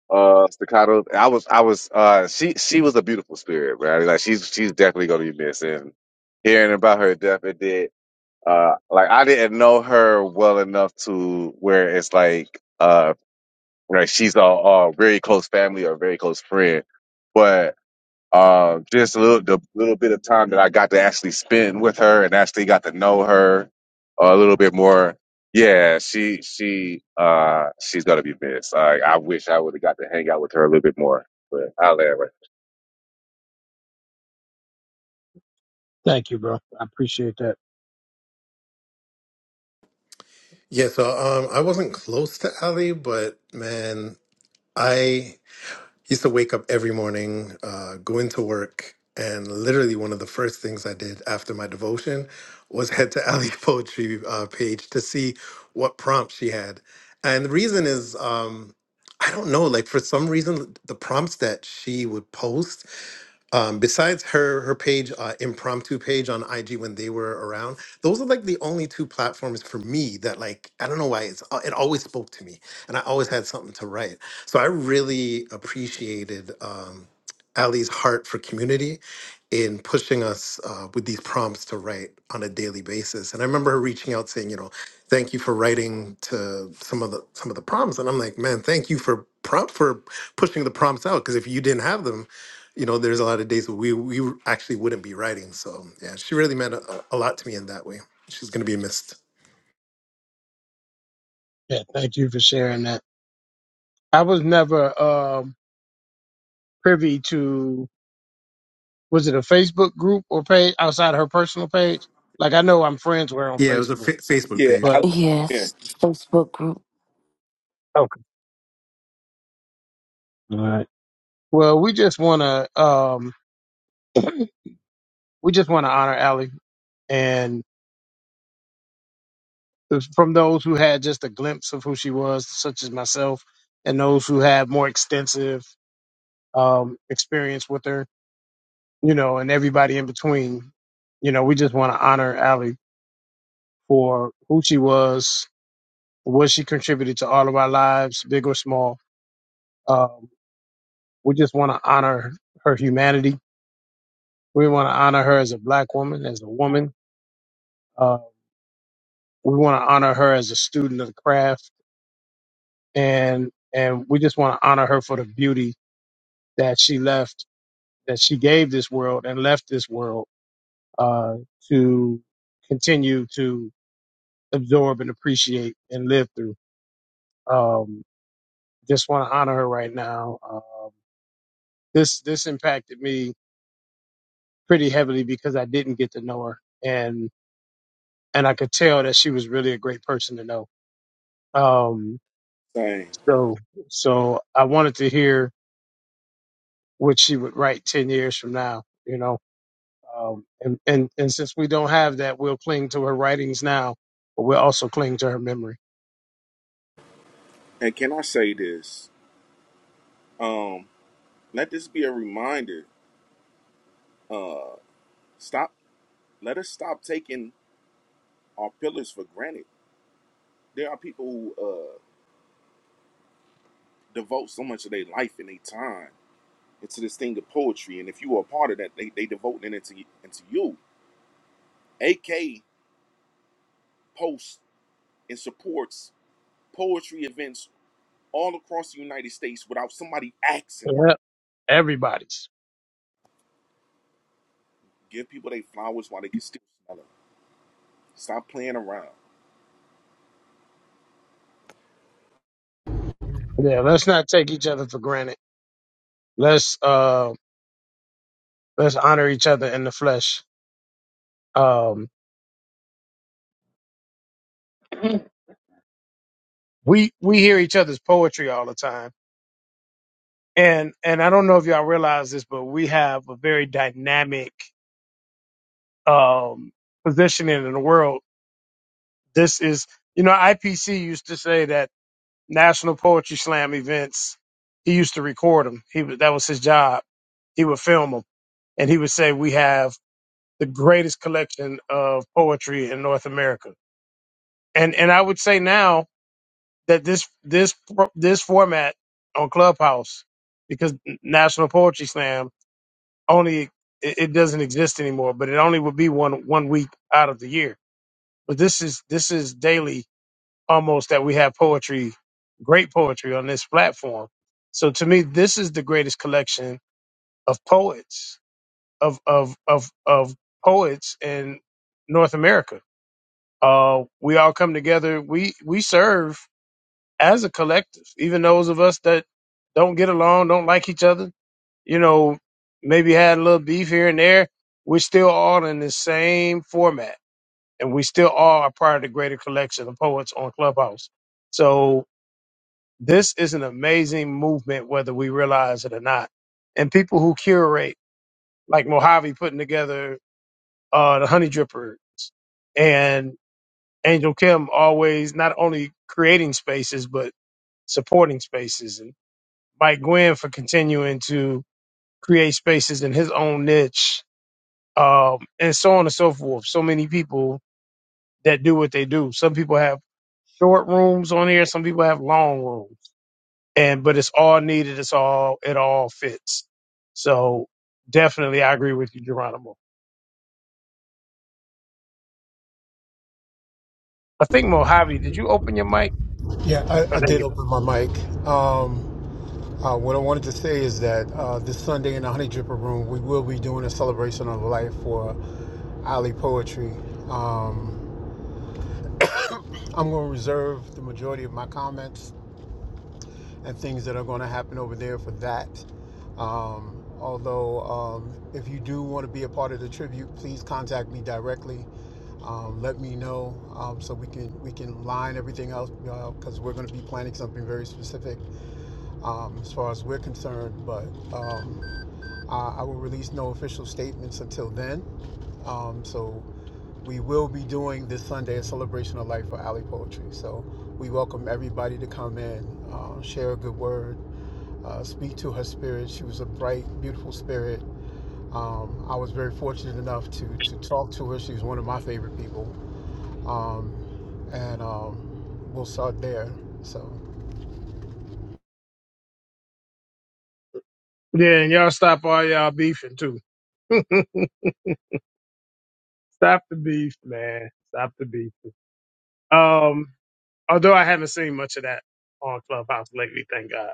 [SPEAKER 3] uh staccatos. I was I was uh she she was a beautiful spirit, man. Like she's she's definitely gonna be missed, and hearing about her death, it did uh like I didn't know her well enough to where it's like uh like she's a, a very close family or very close friend. But uh, just a little the little bit of time that I got to spend with her and actually got to know her a little bit more. Yeah, she she uh she's gonna be missed. I I wish I would have got to hang out with her a little bit more. But I'll let her.
[SPEAKER 2] thank you, bro. I appreciate that.
[SPEAKER 1] Yeah, so um, I wasn't close to Ali, but man, I used to wake up every morning, uh, go into work, and literally one of the first things I did after my devotion was head to Ali's poetry uh, page to see what prompts she had. And the reason is, um, I don't know, like for some reason, the prompts that she would post, um, besides her her page, uh, impromptu page on IG when they were around, those are like the only two platforms for me that like I don't know why it's uh, it always spoke to me, and I always had something to write. So I really appreciated um, Ali's heart for community in pushing us uh, with these prompts to write on a daily basis. And I remember her reaching out saying, you know, thank you for writing to some of the some of the prompts. And I'm like, man, thank you for prompt for pushing the prompts out because if you didn't have them, you know, there's a lot of days that we we actually wouldn't be writing. So yeah, she really meant a, a lot to me in that way. She's gonna be missed.
[SPEAKER 2] Yeah, thank you for sharing that. I was never um, privy to was it a Facebook group or page outside her personal page? Like I know I'm friends with her on
[SPEAKER 1] Yeah, it was a
[SPEAKER 2] Facebook,
[SPEAKER 1] fa- Facebook
[SPEAKER 4] Yeah,
[SPEAKER 1] page.
[SPEAKER 2] but
[SPEAKER 4] Alex Hinchman.
[SPEAKER 8] Yes, Facebook group.
[SPEAKER 2] okay. All right. Well, we just want to um, we just want to honor Allie and it was from those who had just a glimpse of who she was, such as myself, and those who had more extensive um, experience with her, you know, and everybody in between. You know, we just want to honor Allie for who she was, what she contributed to all of our lives, big or small. Um, we just want to honor her humanity. We want to honor her as a black woman, as a woman. Uh, we want to honor her as a student of the craft, and and we just want to honor her for the beauty that she left, that she gave this world and left this world uh, to continue to absorb and appreciate and live through. Um, just want to honor her right now. Um, this this impacted me pretty heavily because I didn't get to know her, and and I could tell that she was really a great person to know. Um,
[SPEAKER 4] Dang.
[SPEAKER 2] so so I wanted to hear what she would write ten years from now, you know. Um, and and and since we don't have that, we'll cling to her writings now, but we'll also cling to her memory.
[SPEAKER 4] And can I say this? Um, let this be a reminder. Stop. Let us stop taking our pillars for granted. There are people who uh, devote so much of their life and their time into this thing of poetry. And if you are a part of that, they, they devote it into, into you. AK posts and supports poetry events all across the United States without somebody asking her.
[SPEAKER 2] Yeah, Everybody's.
[SPEAKER 4] Give people their flowers while they can still smell them. Stop playing around.
[SPEAKER 2] Yeah, let's not take each other for granted. Let's uh let's honor each other in the flesh. Um, we we hear each other's poetry all the time And and I don't know if y'all realize this, but we have a very dynamic um, positioning in the world. This is, you know, IPC used to say that National Poetry Slam events. He used to record them. He was- that was his job. He would film them, and he would say, "We have the greatest collection of poetry in North America." And and I would say now that this this this format on Clubhouse, because National Poetry Slam only it, it doesn't exist anymore, but it only would be one one week out of the year. But this is this is daily almost that we have poetry, great poetry on this platform. So to me, this is the greatest collection of poets of of of of poets in North America. Uh, we all come together. We we serve as a collective, even those of us that don't get along, don't like each other you know, maybe had a little beef here and there, we're still all in the same format. And we still all are part of the greater collection of poets on Clubhouse. So this is an amazing movement, whether we realize it or not. And people who curate, like Mojave putting together uh, the Honey Drippers and Angel Kim always not only creating spaces, but supporting spaces. And Mike Gwynn for continuing to create spaces in his own niche um, and so on and so forth. So many people that do what they do. Some people have short rooms on here. Some people have long rooms, and but it's all needed. It's all it all fits. So definitely, I agree with you, Geronimo. I think Mojave, did you open your mic?
[SPEAKER 6] Yeah, I,
[SPEAKER 2] Oh,
[SPEAKER 6] I
[SPEAKER 2] there
[SPEAKER 6] did
[SPEAKER 2] you go.
[SPEAKER 6] open my mic. Um, uh, what I wanted to say is that uh, this Sunday in the Honey Dripper Room, we will be doing a celebration of life for Ali Poetry. Um, I'm going to reserve the majority of my comments and things that are going to happen over there for that. Um, although, um, if you do want to be a part of the tribute, please contact me directly. Um, let me know um, so we can we can line everything else because uh, we're going to be planning something very specific um, as far as we're concerned. But um, I, I will release no official statements until then. Um, so we will be doing this Sunday a celebration of life for Alley Poetry. So we welcome everybody to come in, uh, share a good word uh, speak to her spirit. She was a bright, beautiful spirit. Um, I was very fortunate enough to to talk to her. She was one of my favorite people, um, and um, we'll start there. So
[SPEAKER 2] Yeah, and y'all stop all y'all beefing too. stop the beef, man. Stop the beef. Um, although I haven't seen much of that on Clubhouse lately, thank God.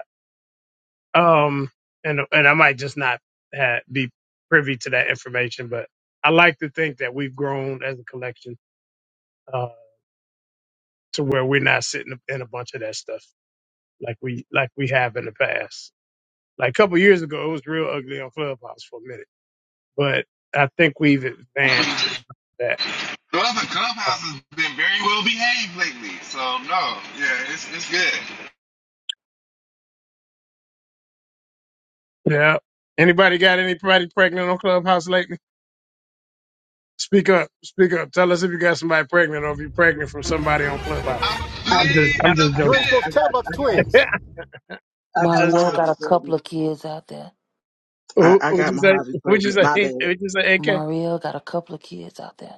[SPEAKER 2] Um, and and I might just not ha be privy to that information, but I like to think that we've grown as a collection uh, to where we're not sitting in a bunch of that stuff like we like we have in the past. Like a couple years ago, it was real ugly on Clubhouse for a minute, but I think we've advanced that.
[SPEAKER 3] Well, the clubhouse
[SPEAKER 2] Uh,
[SPEAKER 3] has been very well behaved lately, so no, yeah, it's it's good.
[SPEAKER 2] yeah. Anybody got anybody pregnant on Clubhouse lately? Speak up, speak up. Tell us if you got somebody pregnant or if you're pregnant from somebody on Clubhouse.
[SPEAKER 3] I
[SPEAKER 5] I
[SPEAKER 2] I'm
[SPEAKER 5] did.
[SPEAKER 2] just,
[SPEAKER 3] plead
[SPEAKER 2] I'm
[SPEAKER 3] the
[SPEAKER 2] just
[SPEAKER 5] I
[SPEAKER 6] you ain't
[SPEAKER 5] got,
[SPEAKER 2] joking.
[SPEAKER 5] I
[SPEAKER 6] supposed to
[SPEAKER 3] fifth.
[SPEAKER 6] tell
[SPEAKER 5] got,
[SPEAKER 6] about the
[SPEAKER 5] I got,
[SPEAKER 6] twins.
[SPEAKER 5] I
[SPEAKER 2] I'm
[SPEAKER 5] got
[SPEAKER 2] just
[SPEAKER 5] my
[SPEAKER 8] Marielle
[SPEAKER 2] joking.
[SPEAKER 8] got
[SPEAKER 5] hobby
[SPEAKER 8] a couple
[SPEAKER 5] pregnant.
[SPEAKER 8] of kids out there.
[SPEAKER 5] I,
[SPEAKER 2] Who-
[SPEAKER 5] I
[SPEAKER 2] would
[SPEAKER 5] got
[SPEAKER 2] you
[SPEAKER 5] my
[SPEAKER 2] say?
[SPEAKER 5] hobby
[SPEAKER 2] would you
[SPEAKER 5] pregnant.
[SPEAKER 2] say?
[SPEAKER 5] My bad.
[SPEAKER 2] would you say? AK.
[SPEAKER 8] Marielle got a couple of kids out there.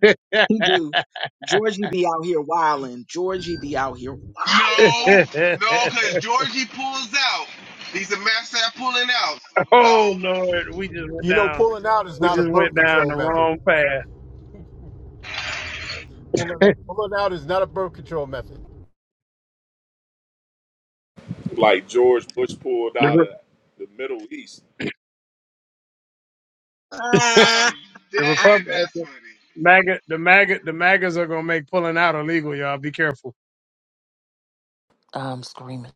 [SPEAKER 5] He do. Georgie be out here wilding. Georgie be out here
[SPEAKER 3] No, no, because Georgie pulls out. He's a master at pulling out. So no,
[SPEAKER 2] oh Lord, we just went
[SPEAKER 6] You know,
[SPEAKER 2] down.
[SPEAKER 6] pulling out is
[SPEAKER 2] We
[SPEAKER 6] not a
[SPEAKER 2] just went
[SPEAKER 6] birth
[SPEAKER 2] down
[SPEAKER 6] control
[SPEAKER 2] the
[SPEAKER 6] method.
[SPEAKER 2] wrong path.
[SPEAKER 6] Pulling out, pulling out is not a birth control method.
[SPEAKER 4] Like George Bush pulled
[SPEAKER 2] The
[SPEAKER 4] out
[SPEAKER 2] Re-
[SPEAKER 4] of the Middle East.
[SPEAKER 5] wilding.
[SPEAKER 3] I'm
[SPEAKER 2] the
[SPEAKER 3] dead. That's
[SPEAKER 2] Republic,
[SPEAKER 3] funny.
[SPEAKER 2] MAGA, the MAGA, the MAGAs are gonna make pulling out illegal. Y'all be careful.
[SPEAKER 8] I'm screaming.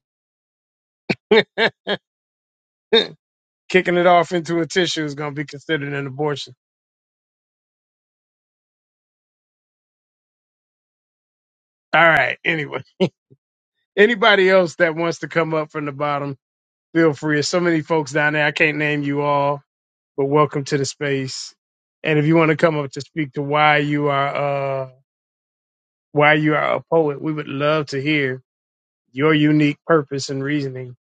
[SPEAKER 2] Kicking it off into a tissue is gonna be considered an abortion. All right. Anyway, anybody else that wants to come up from the bottom, feel free. There's so many folks down there. I can't name you all. but welcome to the space. And if you want to come up to speak to why you are uh why you are a poet, we would love to hear your unique purpose and reasoning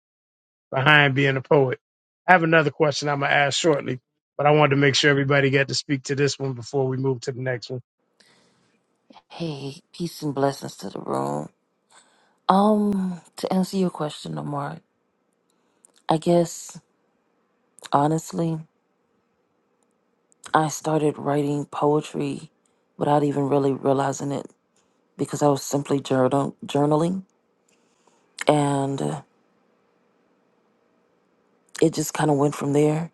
[SPEAKER 2] behind being a poet. I have another question I'm gonna ask shortly, but I wanted to make sure everybody got to speak to this one before we move to the next one.
[SPEAKER 8] Hey, peace and blessings to the room. Um, to answer your question, Amar, I guess honestly, I started writing poetry without even really realizing it because I was simply journal journaling, and uh, it just kind of went from there.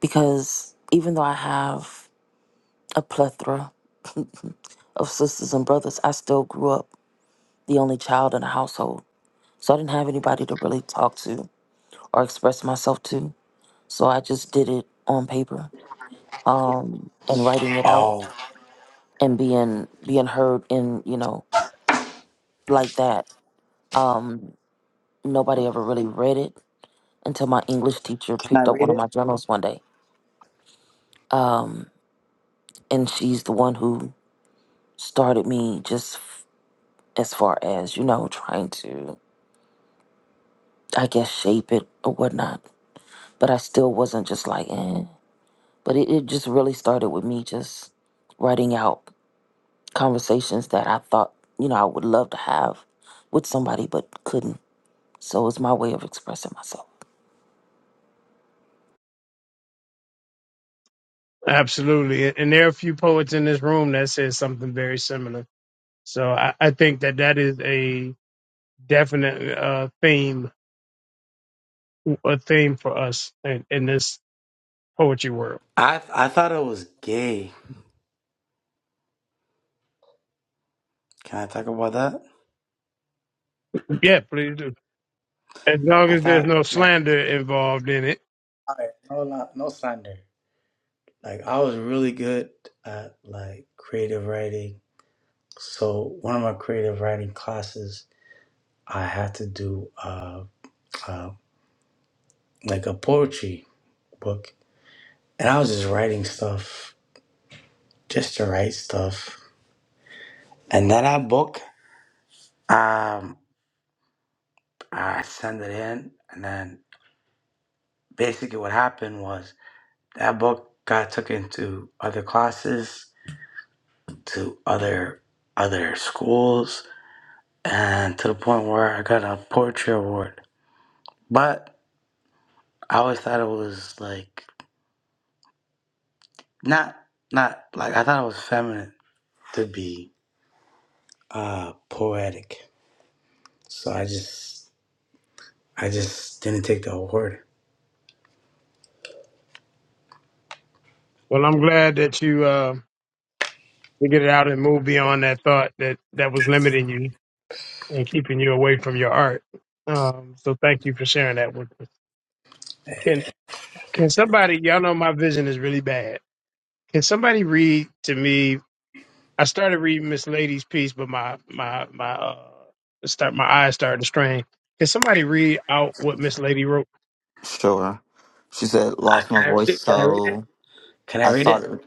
[SPEAKER 8] Because even though I have a plethora of sisters and brothers, I still grew up the only child in the household. So I didn't have anybody to really talk to or express myself to. So I just did it on paper um, and writing it out
[SPEAKER 9] Oh,
[SPEAKER 8] and being being heard in you know like that. Um, nobody ever really read it until my English teacher
[SPEAKER 9] can I
[SPEAKER 8] picked up one
[SPEAKER 9] read
[SPEAKER 8] of my
[SPEAKER 9] it?
[SPEAKER 8] journals one day, and she's the one who started me just f- as far as you know trying to I guess shape it or whatnot. But I still wasn't just like eh. But it, it just really started with me just writing out conversations that I thought, you know, I would love to have with somebody but couldn't. So it's my way of expressing myself.
[SPEAKER 2] Absolutely, and there are a few poets in this room that says something very similar. So I, I think that that is a definite uh, theme, a theme for us in, in this poetry world.
[SPEAKER 9] I I thought it was gay. Can I talk about that?
[SPEAKER 2] Yeah, please do. as long
[SPEAKER 9] I
[SPEAKER 2] as there's
[SPEAKER 9] thought
[SPEAKER 2] no
[SPEAKER 9] like
[SPEAKER 2] slander involved in it.
[SPEAKER 9] all right, no li- no slander. Like I was really good at like creative writing. So one of my creative writing classes, I had to do uh, uh like a poetry book, and I was just writing stuff just to write stuff. And then that book, um, I sent it in, and then basically what happened was. That book got took into other classes, to other other schools, and to the point where I got a poetry award. But I always thought it was like not not like I thought it was feminine to be uh poetic. So I just I just didn't take the award.
[SPEAKER 2] Well, I'm glad that you uh, to get it out and move beyond that thought that that was limiting you and keeping you away from your art. Um, so thank you for sharing that with us. Can can somebody? Y'all know my vision is really bad. Can somebody read to me? I started reading Miss Lady's piece, but my my my uh, start my eyes started to strain. Can somebody read out what Miss Lady wrote?
[SPEAKER 10] Sure. She said,
[SPEAKER 9] Uh,
[SPEAKER 10] lost
[SPEAKER 9] can
[SPEAKER 10] my
[SPEAKER 9] I read
[SPEAKER 10] voice,
[SPEAKER 9] it? Can I read it?
[SPEAKER 10] so
[SPEAKER 9] Can I
[SPEAKER 10] I
[SPEAKER 9] read it?
[SPEAKER 10] started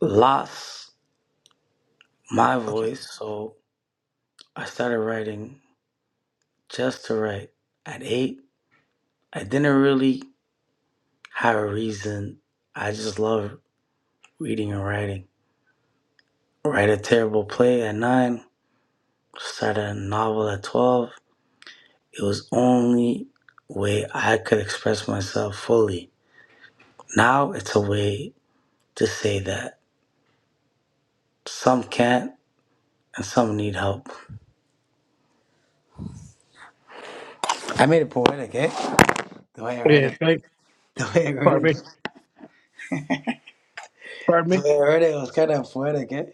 [SPEAKER 9] Lost my voice, so I started writing just to write. At eight, I didn't really. Have a reason. I just love reading and writing. Write a terrible play at nine, Start a novel at 12. It was only way I could express myself fully. Now it's a way to say that some can't and some need help. I made it poetic, eh? The way I read
[SPEAKER 2] Yeah,
[SPEAKER 9] it.
[SPEAKER 2] thank.
[SPEAKER 9] The way I read
[SPEAKER 2] Pardon
[SPEAKER 9] it.
[SPEAKER 2] me. Pardon
[SPEAKER 9] The
[SPEAKER 2] me.
[SPEAKER 9] way I read it was kind of poetic, eh?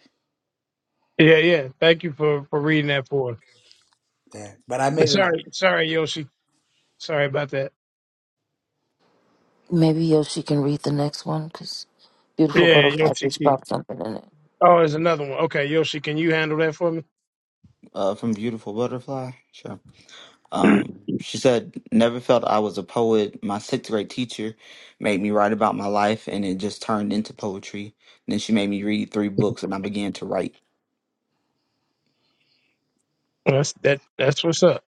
[SPEAKER 2] Yeah, yeah. Thank you for for reading that for us.
[SPEAKER 9] Yeah. But I made it.
[SPEAKER 2] Sorry, sorry, Yoshi. Sorry about that.
[SPEAKER 8] Maybe Yoshi can read the next one because Beautiful
[SPEAKER 2] Yeah,
[SPEAKER 8] Butterfly
[SPEAKER 2] Yoshi.
[SPEAKER 8] just
[SPEAKER 2] Key.
[SPEAKER 8] dropped something in it.
[SPEAKER 2] Oh, there's another one. Okay, Yoshi, can you handle that for me?
[SPEAKER 10] uh, from Beautiful Butterfly. Sure. Um, she said, never felt I was a poet. My sixth grade teacher made me write about my life, and it just turned into poetry. then she made me read three books, and I began to write.
[SPEAKER 2] that's that. That's what's up.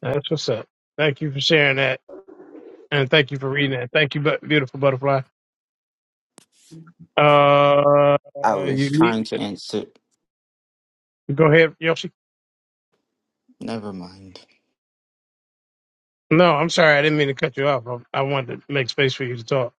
[SPEAKER 2] That's what's up. Thank you for sharing that, and thank you for reading that. Thank you, bu- beautiful butterfly. Uh,
[SPEAKER 10] I was
[SPEAKER 2] unique.
[SPEAKER 10] trying to answer.
[SPEAKER 2] Go ahead, Yoshi.
[SPEAKER 10] Never mind.
[SPEAKER 2] No, I'm sorry. I didn't mean to cut you off. I, I wanted to make space for you to talk.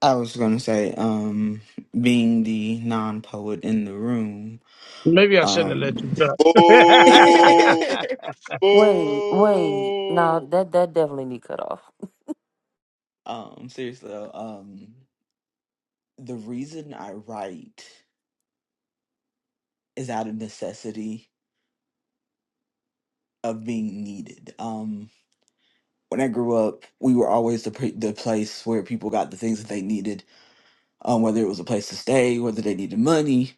[SPEAKER 10] I was going to say, um, being the non poet in the room,
[SPEAKER 2] Maybe I shouldn't have let you
[SPEAKER 10] um,
[SPEAKER 4] Boo!
[SPEAKER 2] talk.
[SPEAKER 8] Wait, wait. No,
[SPEAKER 4] Boo!
[SPEAKER 8] that, that definitely need cut off.
[SPEAKER 10] um, seriously, though, um, the reason I write is out of necessity of being needed. Um, when I grew up, we were always the pre- the place where people got the things that they needed, um, whether it was a place to stay, whether they needed money.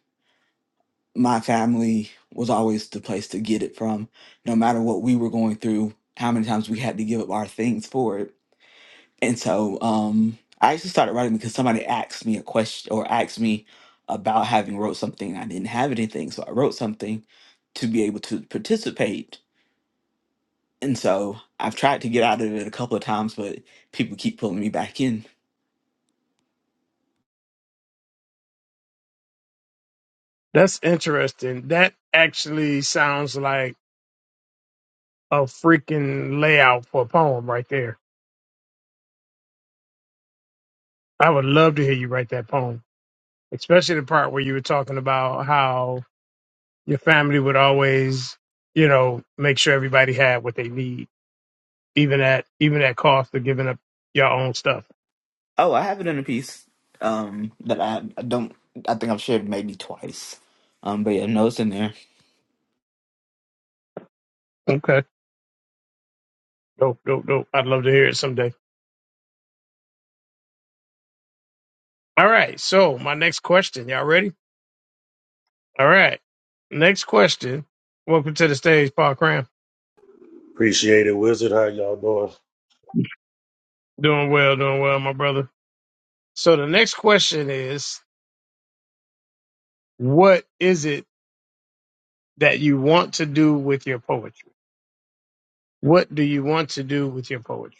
[SPEAKER 10] My family was always the place to get it from, no matter what we were going through, how many times we had to give up our things for it And so um, I actually started writing because somebody asked me a question or asked me about having wrote something. I didn't have anything, so I wrote something to be able to participate. And so I've tried to get out of it a couple of times, but people keep pulling me back in.
[SPEAKER 2] that's interesting. That actually sounds like a freaking layout for a poem right there. I would love to hear you write that poem, especially the part where you were talking about how your family would always, you know, make sure everybody had what they need, even at even at cost of giving up your own stuff.
[SPEAKER 10] Oh, I have it in a piece um, that I, I don't. I think I've shared maybe twice. Um, but yeah, no, it's in there.
[SPEAKER 2] Okay. Dope, dope, dope. I'd love to hear it someday. All right. So my next question, y'all ready? All right. Next question. Welcome to the stage, Paul Cram.
[SPEAKER 11] Appreciate it, Wizard. How y'all doing?
[SPEAKER 2] Doing well, doing well, my brother. So the next question is, what is it? that you want to do with your poetry. What do you want to do with your poetry?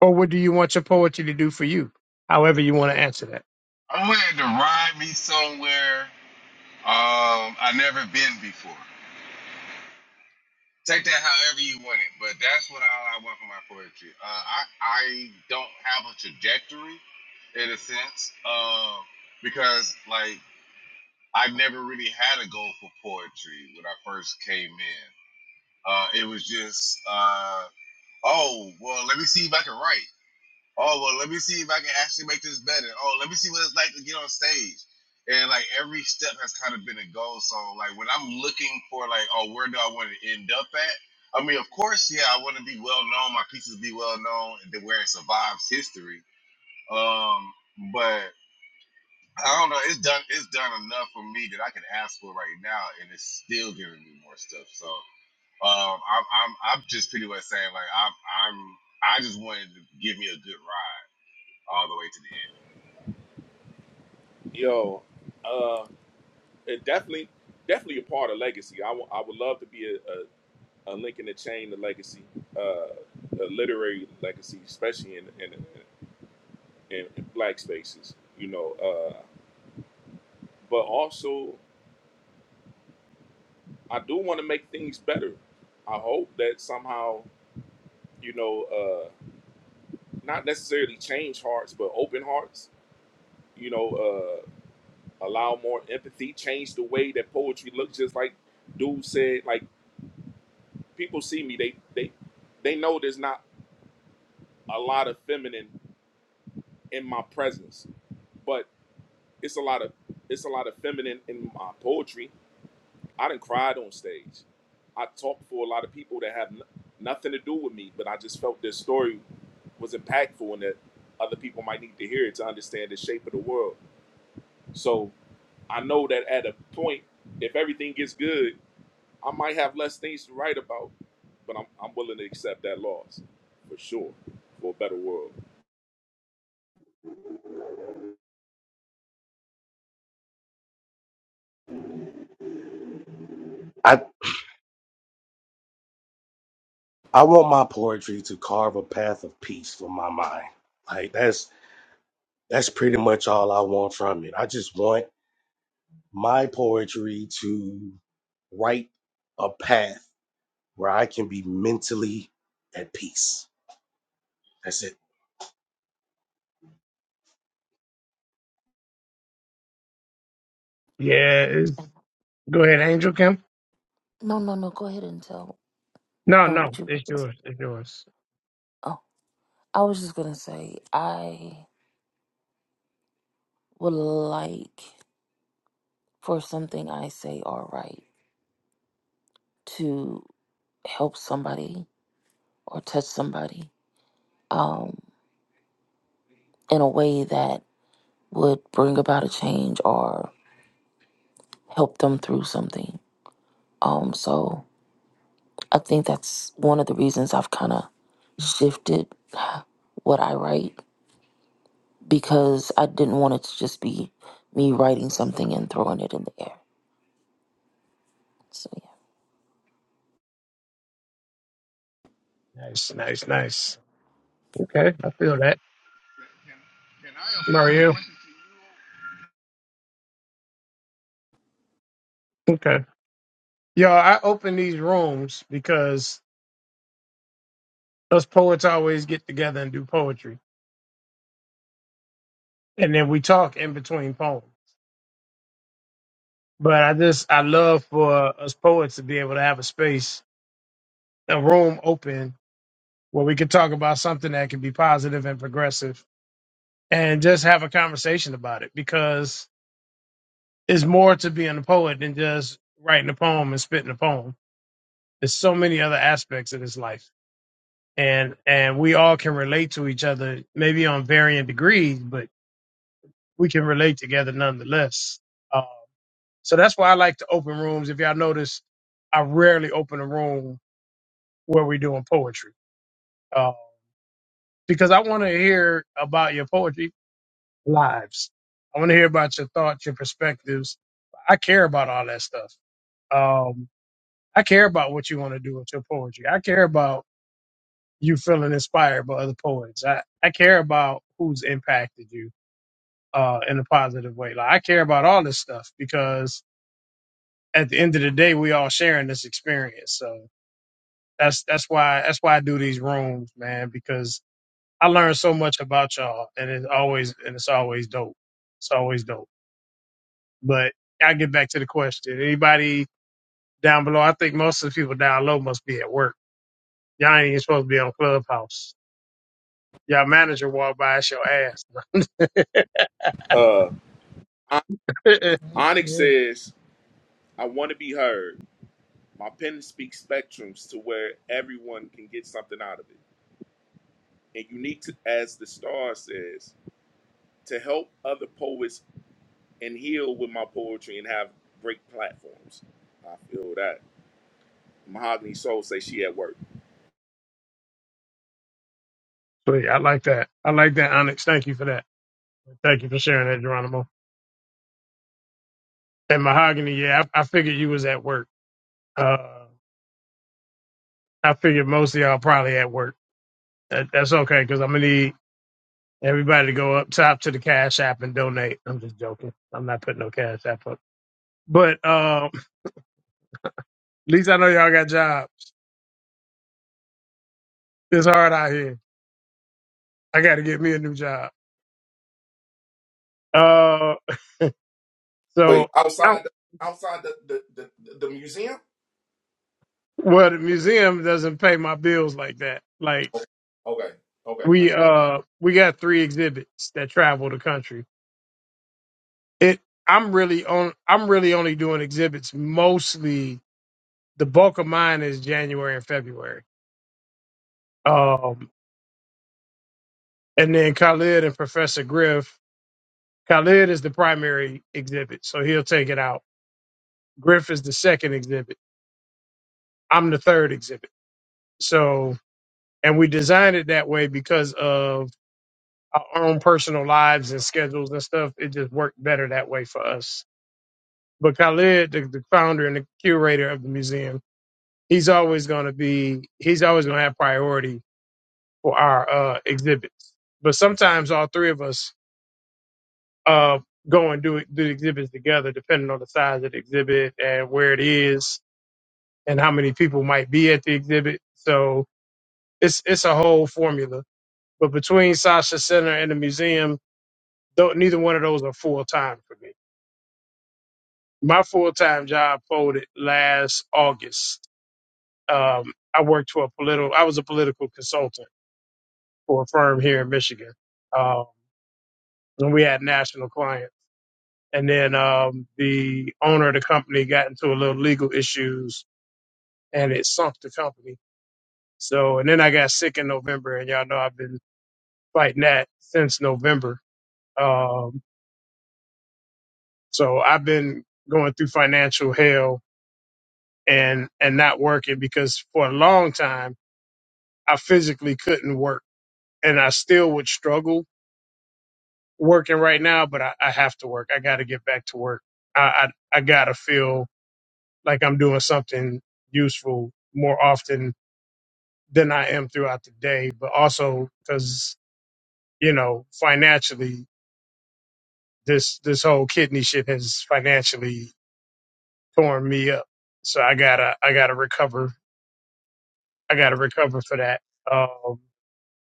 [SPEAKER 2] Or what do you want your poetry to do for you? However you want to answer that.
[SPEAKER 3] I'm willing to ride me somewhere um I never been before. Take that however you want it, but that's what I, I want for my poetry. Uh, I I don't have a trajectory in a sense, uh, because like I never really had a goal for poetry when I first came in. Uh, it was just, uh, oh, well, let me see if I can write. Oh, well, let me see if I can actually make this better. Oh, let me see what it's like to get on stage. And like every step has kind of been a goal. So like when I'm looking for like, oh, where do I want to end up at? I mean, of course, yeah, I want to be well known. My pieces be well known, and then where it survives history. Um, but I don't know. It's done. It's done enough for me that I can ask for right now, and it's still giving me more stuff. So um, I'm, I'm, I'm just pretty much saying like I'm, I'm, I just wanted to give me a good ride all the way to the end.
[SPEAKER 4] Yo, uh, it definitely, definitely a part of legacy. I w- I would love to be a. a a link the chain to legacy, uh, a literary legacy, especially in in, in, in black spaces, you know. Uh, but also, I do want to make things better. I hope that somehow, you know, uh, not necessarily change hearts, but open hearts. You know, uh, allow more empathy, change the way that poetry looks. Just like dude said, like people see me, they they they know there's not a lot of feminine in my presence, but It's a lot of it's a lot of feminine in my poetry. I didn't cried on stage. I talked for a lot of people that have n- nothing to do with me, but I just felt their story was impactful and that other people might need to hear it to understand the shape of the world. So I know that at a point, if everything gets good, I might have less things to write about, but I'm, I'm willing to accept that loss for sure for a better world.
[SPEAKER 11] I I want my poetry to carve a path of peace for my mind. Like that's that's pretty much all I want from it. I just want my poetry to write a path where I can be mentally at peace. That's it.
[SPEAKER 2] Yeah, it's- go ahead, Angel Kim.
[SPEAKER 8] No, no, no. Go ahead and tell
[SPEAKER 2] No,
[SPEAKER 8] Paul
[SPEAKER 2] no,
[SPEAKER 8] what you.
[SPEAKER 2] it's yours. It's yours.
[SPEAKER 8] Oh, I was just gonna say I would like for something I say all right to. help somebody or touch somebody um, in a way that would bring about a change or help them through something. Um, so I think that's one of the reasons I've kind of shifted what I write because I didn't want it to just be me writing something and throwing it in the air. So yeah.
[SPEAKER 2] Nice, nice, nice. Okay, I feel that.
[SPEAKER 3] Can, can, can I oppose the
[SPEAKER 2] Mario.
[SPEAKER 3] question to you?
[SPEAKER 2] Okay. Yo, I open these rooms because us poets always get together and do poetry. And then we talk in between poems. But I just I love for us poets to be able to have a space, a room open where we could talk about something that can be positive and progressive and just have a conversation about it because it's more to being a poet than just writing a poem and spitting a poem. There's so many other aspects of this life. And and we all can relate to each other, maybe on varying degrees, but we can relate together nonetheless. Uh, so that's why I like to open rooms. If y'all notice, I rarely open a room where we're doing poetry uh, because I want to hear about your poetry lives. I want to hear about your thoughts, your perspectives. I care about all that stuff. Um, I care about what you want to do with your poetry. I care about you feeling inspired by other poets. I, I care about who's impacted you uh, in a positive way. Like I care about all this stuff because at the end of the day, we all sharing this experience. So that's that's why that's why I do these rooms, man, because I learn so much about y'all, and it's always and it's always dope. It's always dope. But i get back to the question. Anybody down below? I think most of the people down low must be at work. Y'all ain't even supposed to be on Clubhouse. Y'all manager walk by, it's your ass.
[SPEAKER 4] Uh, Onyx says, I want to be heard. my pen speaks spectrums to where everyone can get something out of it. And unique, to, as the star says, to help other poets and heal with my poetry and have great platforms. I feel that. Mahogany Soul say she at work.
[SPEAKER 2] But yeah, I like that. I like that, Onyx. Thank you for that. Thank you for sharing that, Geronimo. And Mahogany, yeah, I, I figured you was at work. Uh, I figured most of y'all probably at work. That, that's okay, because I'm going to need everybody to go up top to the Cash App and donate. I'm just joking. I'm not putting no Cash App up. But um, least I know y'all got jobs. It's hard out here. I got to get me a new job. Uh,
[SPEAKER 4] Wait,
[SPEAKER 2] so I,
[SPEAKER 4] outside the outside the the, the, the, the museum?
[SPEAKER 2] well, the museum doesn't pay my bills like that. Like
[SPEAKER 4] Okay, okay.
[SPEAKER 2] we uh we got three exhibits that travel the country. It I'm really on. I'm really only doing exhibits mostly. The bulk of mine is January and February. Um, and then Khalid and Professor Griff. Khalid is the primary exhibit, so he'll take it out. Griff is the second exhibit. I'm the third exhibit. So, and we designed it that way because of our own personal lives and schedules and stuff. It just worked better that way for us. But Khalid, the, the founder and the curator of the museum, he's always going to be, he's always going to have priority for our uh, exhibits. But sometimes all three of us uh, go and do, it- do the exhibits together, depending on the size of the exhibit and where it is and how many people might be at the exhibit. So it's, it's a whole formula But between Sasha Center and the museum, though, neither one of those are full time for me. My full time job folded last August. Um, I worked for a political. I was a political consultant for a firm here in Michigan, um, and we had national clients. And then um, the owner of the company got into a little legal issues, and it sunk the company. So, and then I got sick in November, and y'all know I've been fighting that since November. Um, So I've been going through financial hell and and not working because for a long time I physically couldn't work and I still would struggle working right now, but I, I have to work. I gotta get back to work. I, I I gotta feel like I'm doing something useful more often than I am throughout the day, but also because, you know, financially this this whole kidney shit has financially torn me up. So I gotta I gotta recover I got to recover for that. Um,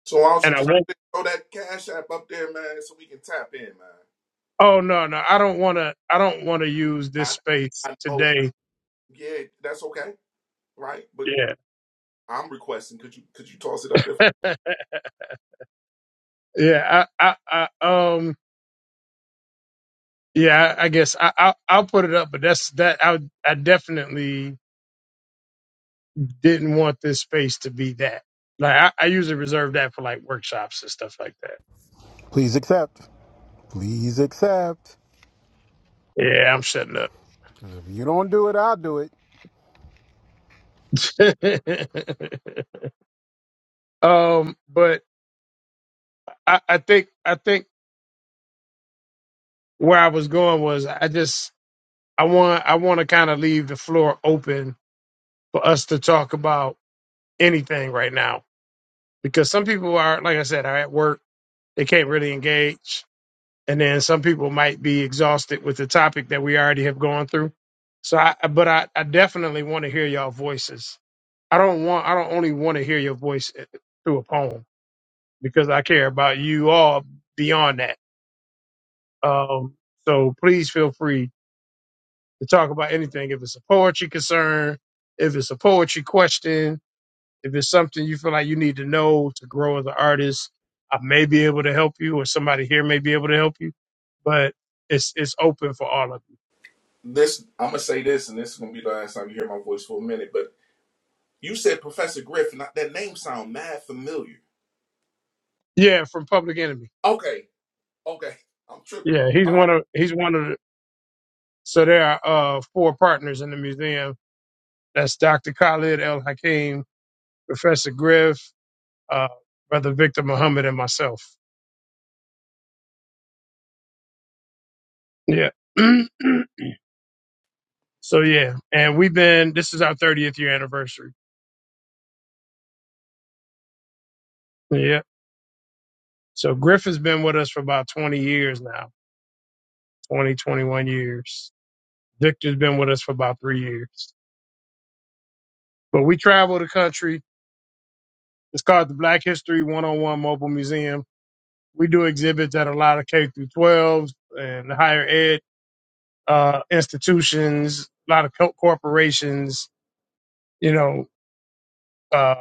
[SPEAKER 4] So why don't
[SPEAKER 2] and
[SPEAKER 4] you
[SPEAKER 2] I
[SPEAKER 4] just
[SPEAKER 2] won't.
[SPEAKER 4] throw that cash app up there, man, so we can tap in, man.
[SPEAKER 2] Oh no, no, I don't want to. I don't want to use this
[SPEAKER 4] I
[SPEAKER 2] space
[SPEAKER 4] I know,
[SPEAKER 2] today.
[SPEAKER 4] yeah, that's okay, right? But
[SPEAKER 2] Yeah,
[SPEAKER 4] I'm requesting. Could you could you toss it up there?
[SPEAKER 2] yeah. I, I, I um, yeah. I, I guess I, I, I'll put it up, but that's that. I, I definitely didn't want this space to be that. Like I, I usually reserve that for like workshops and stuff like that.
[SPEAKER 6] Please accept. Please accept.
[SPEAKER 2] Yeah, I'm shutting up.
[SPEAKER 6] If you don't do it, I'll do it.
[SPEAKER 2] um, but I, I think I think where I was going was I just I want I want to kind of leave the floor open for us to talk about anything right now because some people are like I said are at work they can't really engage and then some people might be exhausted with the topic that we already have gone through so I but I, I definitely want to hear y'all voices I don't want I don't only want to hear your voice eh, through a poem because I care about you all beyond that um so please feel free to talk about anything. If it's a poetry concern, if it's a poetry question, if it's something you feel like you need to know to grow as an artist, I may be able to help you, or somebody here may be able to help you. But it's it's open for all of you.
[SPEAKER 4] this I'm gonna say this, and this is gonna be the last time you hear my voice for a minute. But you said Professor Griffin. I- That name sound mad familiar.
[SPEAKER 2] Yeah, from Public Enemy.
[SPEAKER 4] Okay, okay, I'm tripping.
[SPEAKER 2] Yeah, he's
[SPEAKER 4] All right.
[SPEAKER 2] one of he's one of the, so there are uh, four partners in the museum. That's Dr. Khalid El Hakim, Professor Griff, uh, Brother Victor Muhammad, and myself. Yeah. So yeah, and we've been. This is our 30th year anniversary. Yeah. So Griff has been with us for about 20 years now, 20, 21 years. Victor's been with us for about three years. But we travel the country. It's called the Black History One-on-One Mobile Museum. We do exhibits at a lot of K through 12s and higher ed uh, institutions, a lot of co- corporations, you know, uh,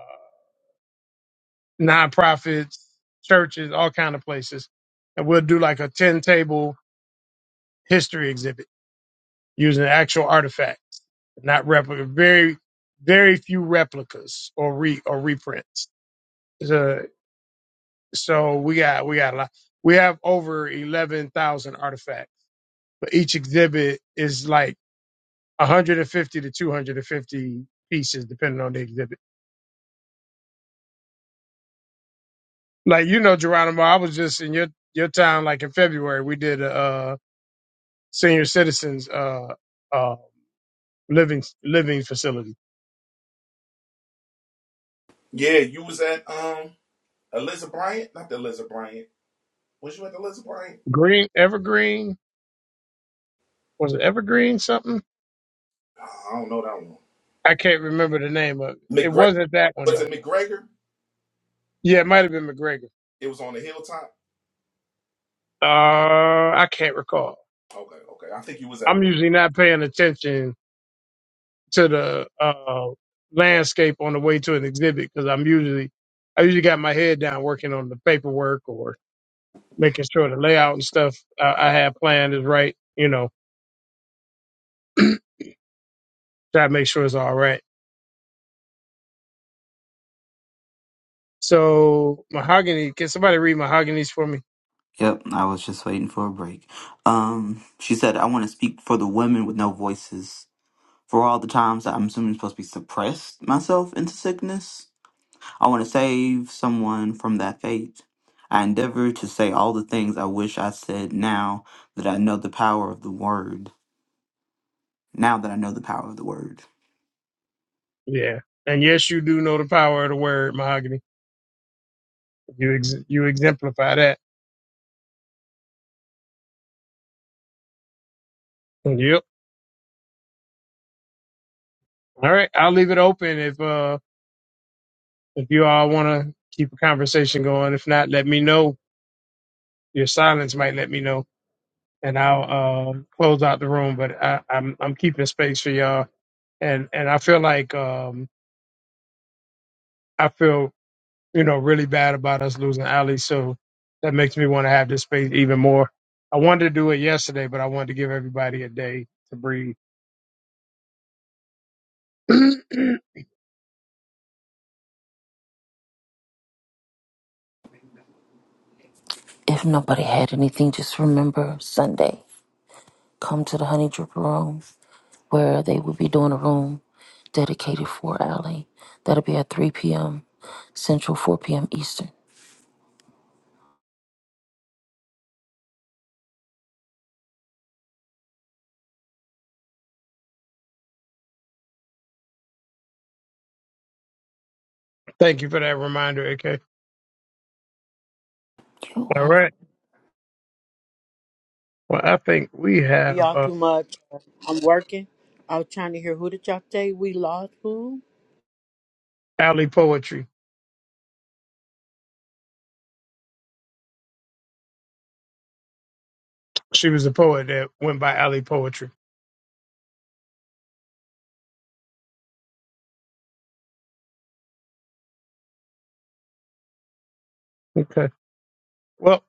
[SPEAKER 2] nonprofits, churches, all kind of places. And we'll do like a 10 table history exhibit using actual artifacts, not replica. Very, very few replicas or re or reprints. So, so we got we got a lot. We have over eleven thousand artifacts, but each exhibit is like one hundred and fifty to two hundred and fifty pieces, depending on the exhibit. Like you know, Geronimo, I was just in your your town. Like in February, we did a uh, senior citizens uh, uh, living living facility.
[SPEAKER 4] Yeah, you was at um Elizabeth Bryant, not the Elizabeth Bryant. Was you at the Elizabeth Bryant?
[SPEAKER 2] Green Evergreen was it Evergreen something?
[SPEAKER 4] Ah, I don't know that one.
[SPEAKER 2] I can't remember the name of it. It
[SPEAKER 4] McGregor
[SPEAKER 2] wasn't that one
[SPEAKER 4] was it
[SPEAKER 2] though.
[SPEAKER 4] McGregor?
[SPEAKER 2] Yeah, it might have been McGregor.
[SPEAKER 4] It was on the hilltop.
[SPEAKER 2] Uh, I can't recall.
[SPEAKER 4] Okay, okay. I think you was at McGregor.
[SPEAKER 2] I'm usually not paying attention to the uh, landscape on the way to an exhibit because I'm usually I usually got my head down working on the paperwork or making sure the layout and stuff I, I have planned is right. You know, try to make sure it's all right. So mahogany, can somebody read mahoganies for me?
[SPEAKER 10] Yep, I was just waiting for a break. Um, she said, "I want to speak for the women with no voices." for all the times that I'm assuming supposed to be suppressed myself into sickness. I want to save someone from that fate. I endeavor to say all the things I wish I said now that I know the power of the word. Now that I know the power of the word.
[SPEAKER 2] Yeah. And yes, you do know the power of the word mahogany. You ex- you exemplify that. Yep. All right. I'll leave it open if uh if you all want to keep a conversation going. If not, let me know. Your silence might let me know, and I'll uh, close out the room. But I, I'm I'm keeping space for y'all, and and I feel like um I feel you know really bad about us losing Ali, so that makes me want to have this space even more. I wanted to do it yesterday, but I wanted to give everybody a day to breathe. Thank
[SPEAKER 8] If nobody had anything, just remember Sunday. Come to the Honey Dripper Room where they will be doing a room dedicated for Allie. That'll be at 3 p.m. Central, 4 p.m. Eastern.
[SPEAKER 2] you for that reminder, AK. All
[SPEAKER 8] Yo,
[SPEAKER 2] right. Well, I think we
[SPEAKER 12] Hear
[SPEAKER 2] have
[SPEAKER 12] y'all
[SPEAKER 2] uh,
[SPEAKER 12] too much. I'm working. I was trying to hear who did y'all say we lost who?
[SPEAKER 2] Alley Poetry. She was a poet that went by Alley Poetry. Okay. Well,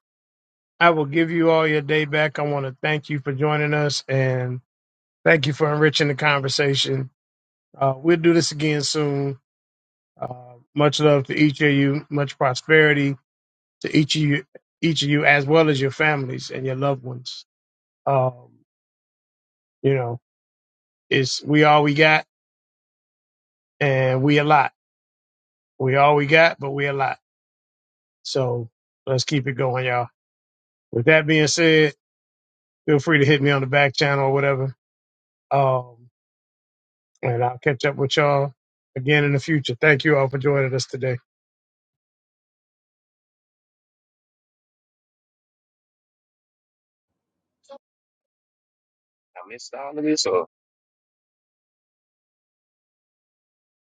[SPEAKER 2] I will give you all your day back. I want to thank you for joining us and thank you for enriching the conversation. Uh, we'll do this again soon. Uh, much love to each of you. Much prosperity to each of you, each of you, as well as your families and your loved ones. Um, you know, it's we all we got, and we a lot. We all we got, but we a lot. So let's keep it going, y'all. With that being said, feel free to hit me on the back channel or whatever. Um, and I'll catch up with y'all again in the future. Thank you all for joining us today.
[SPEAKER 13] I missed all of this, or?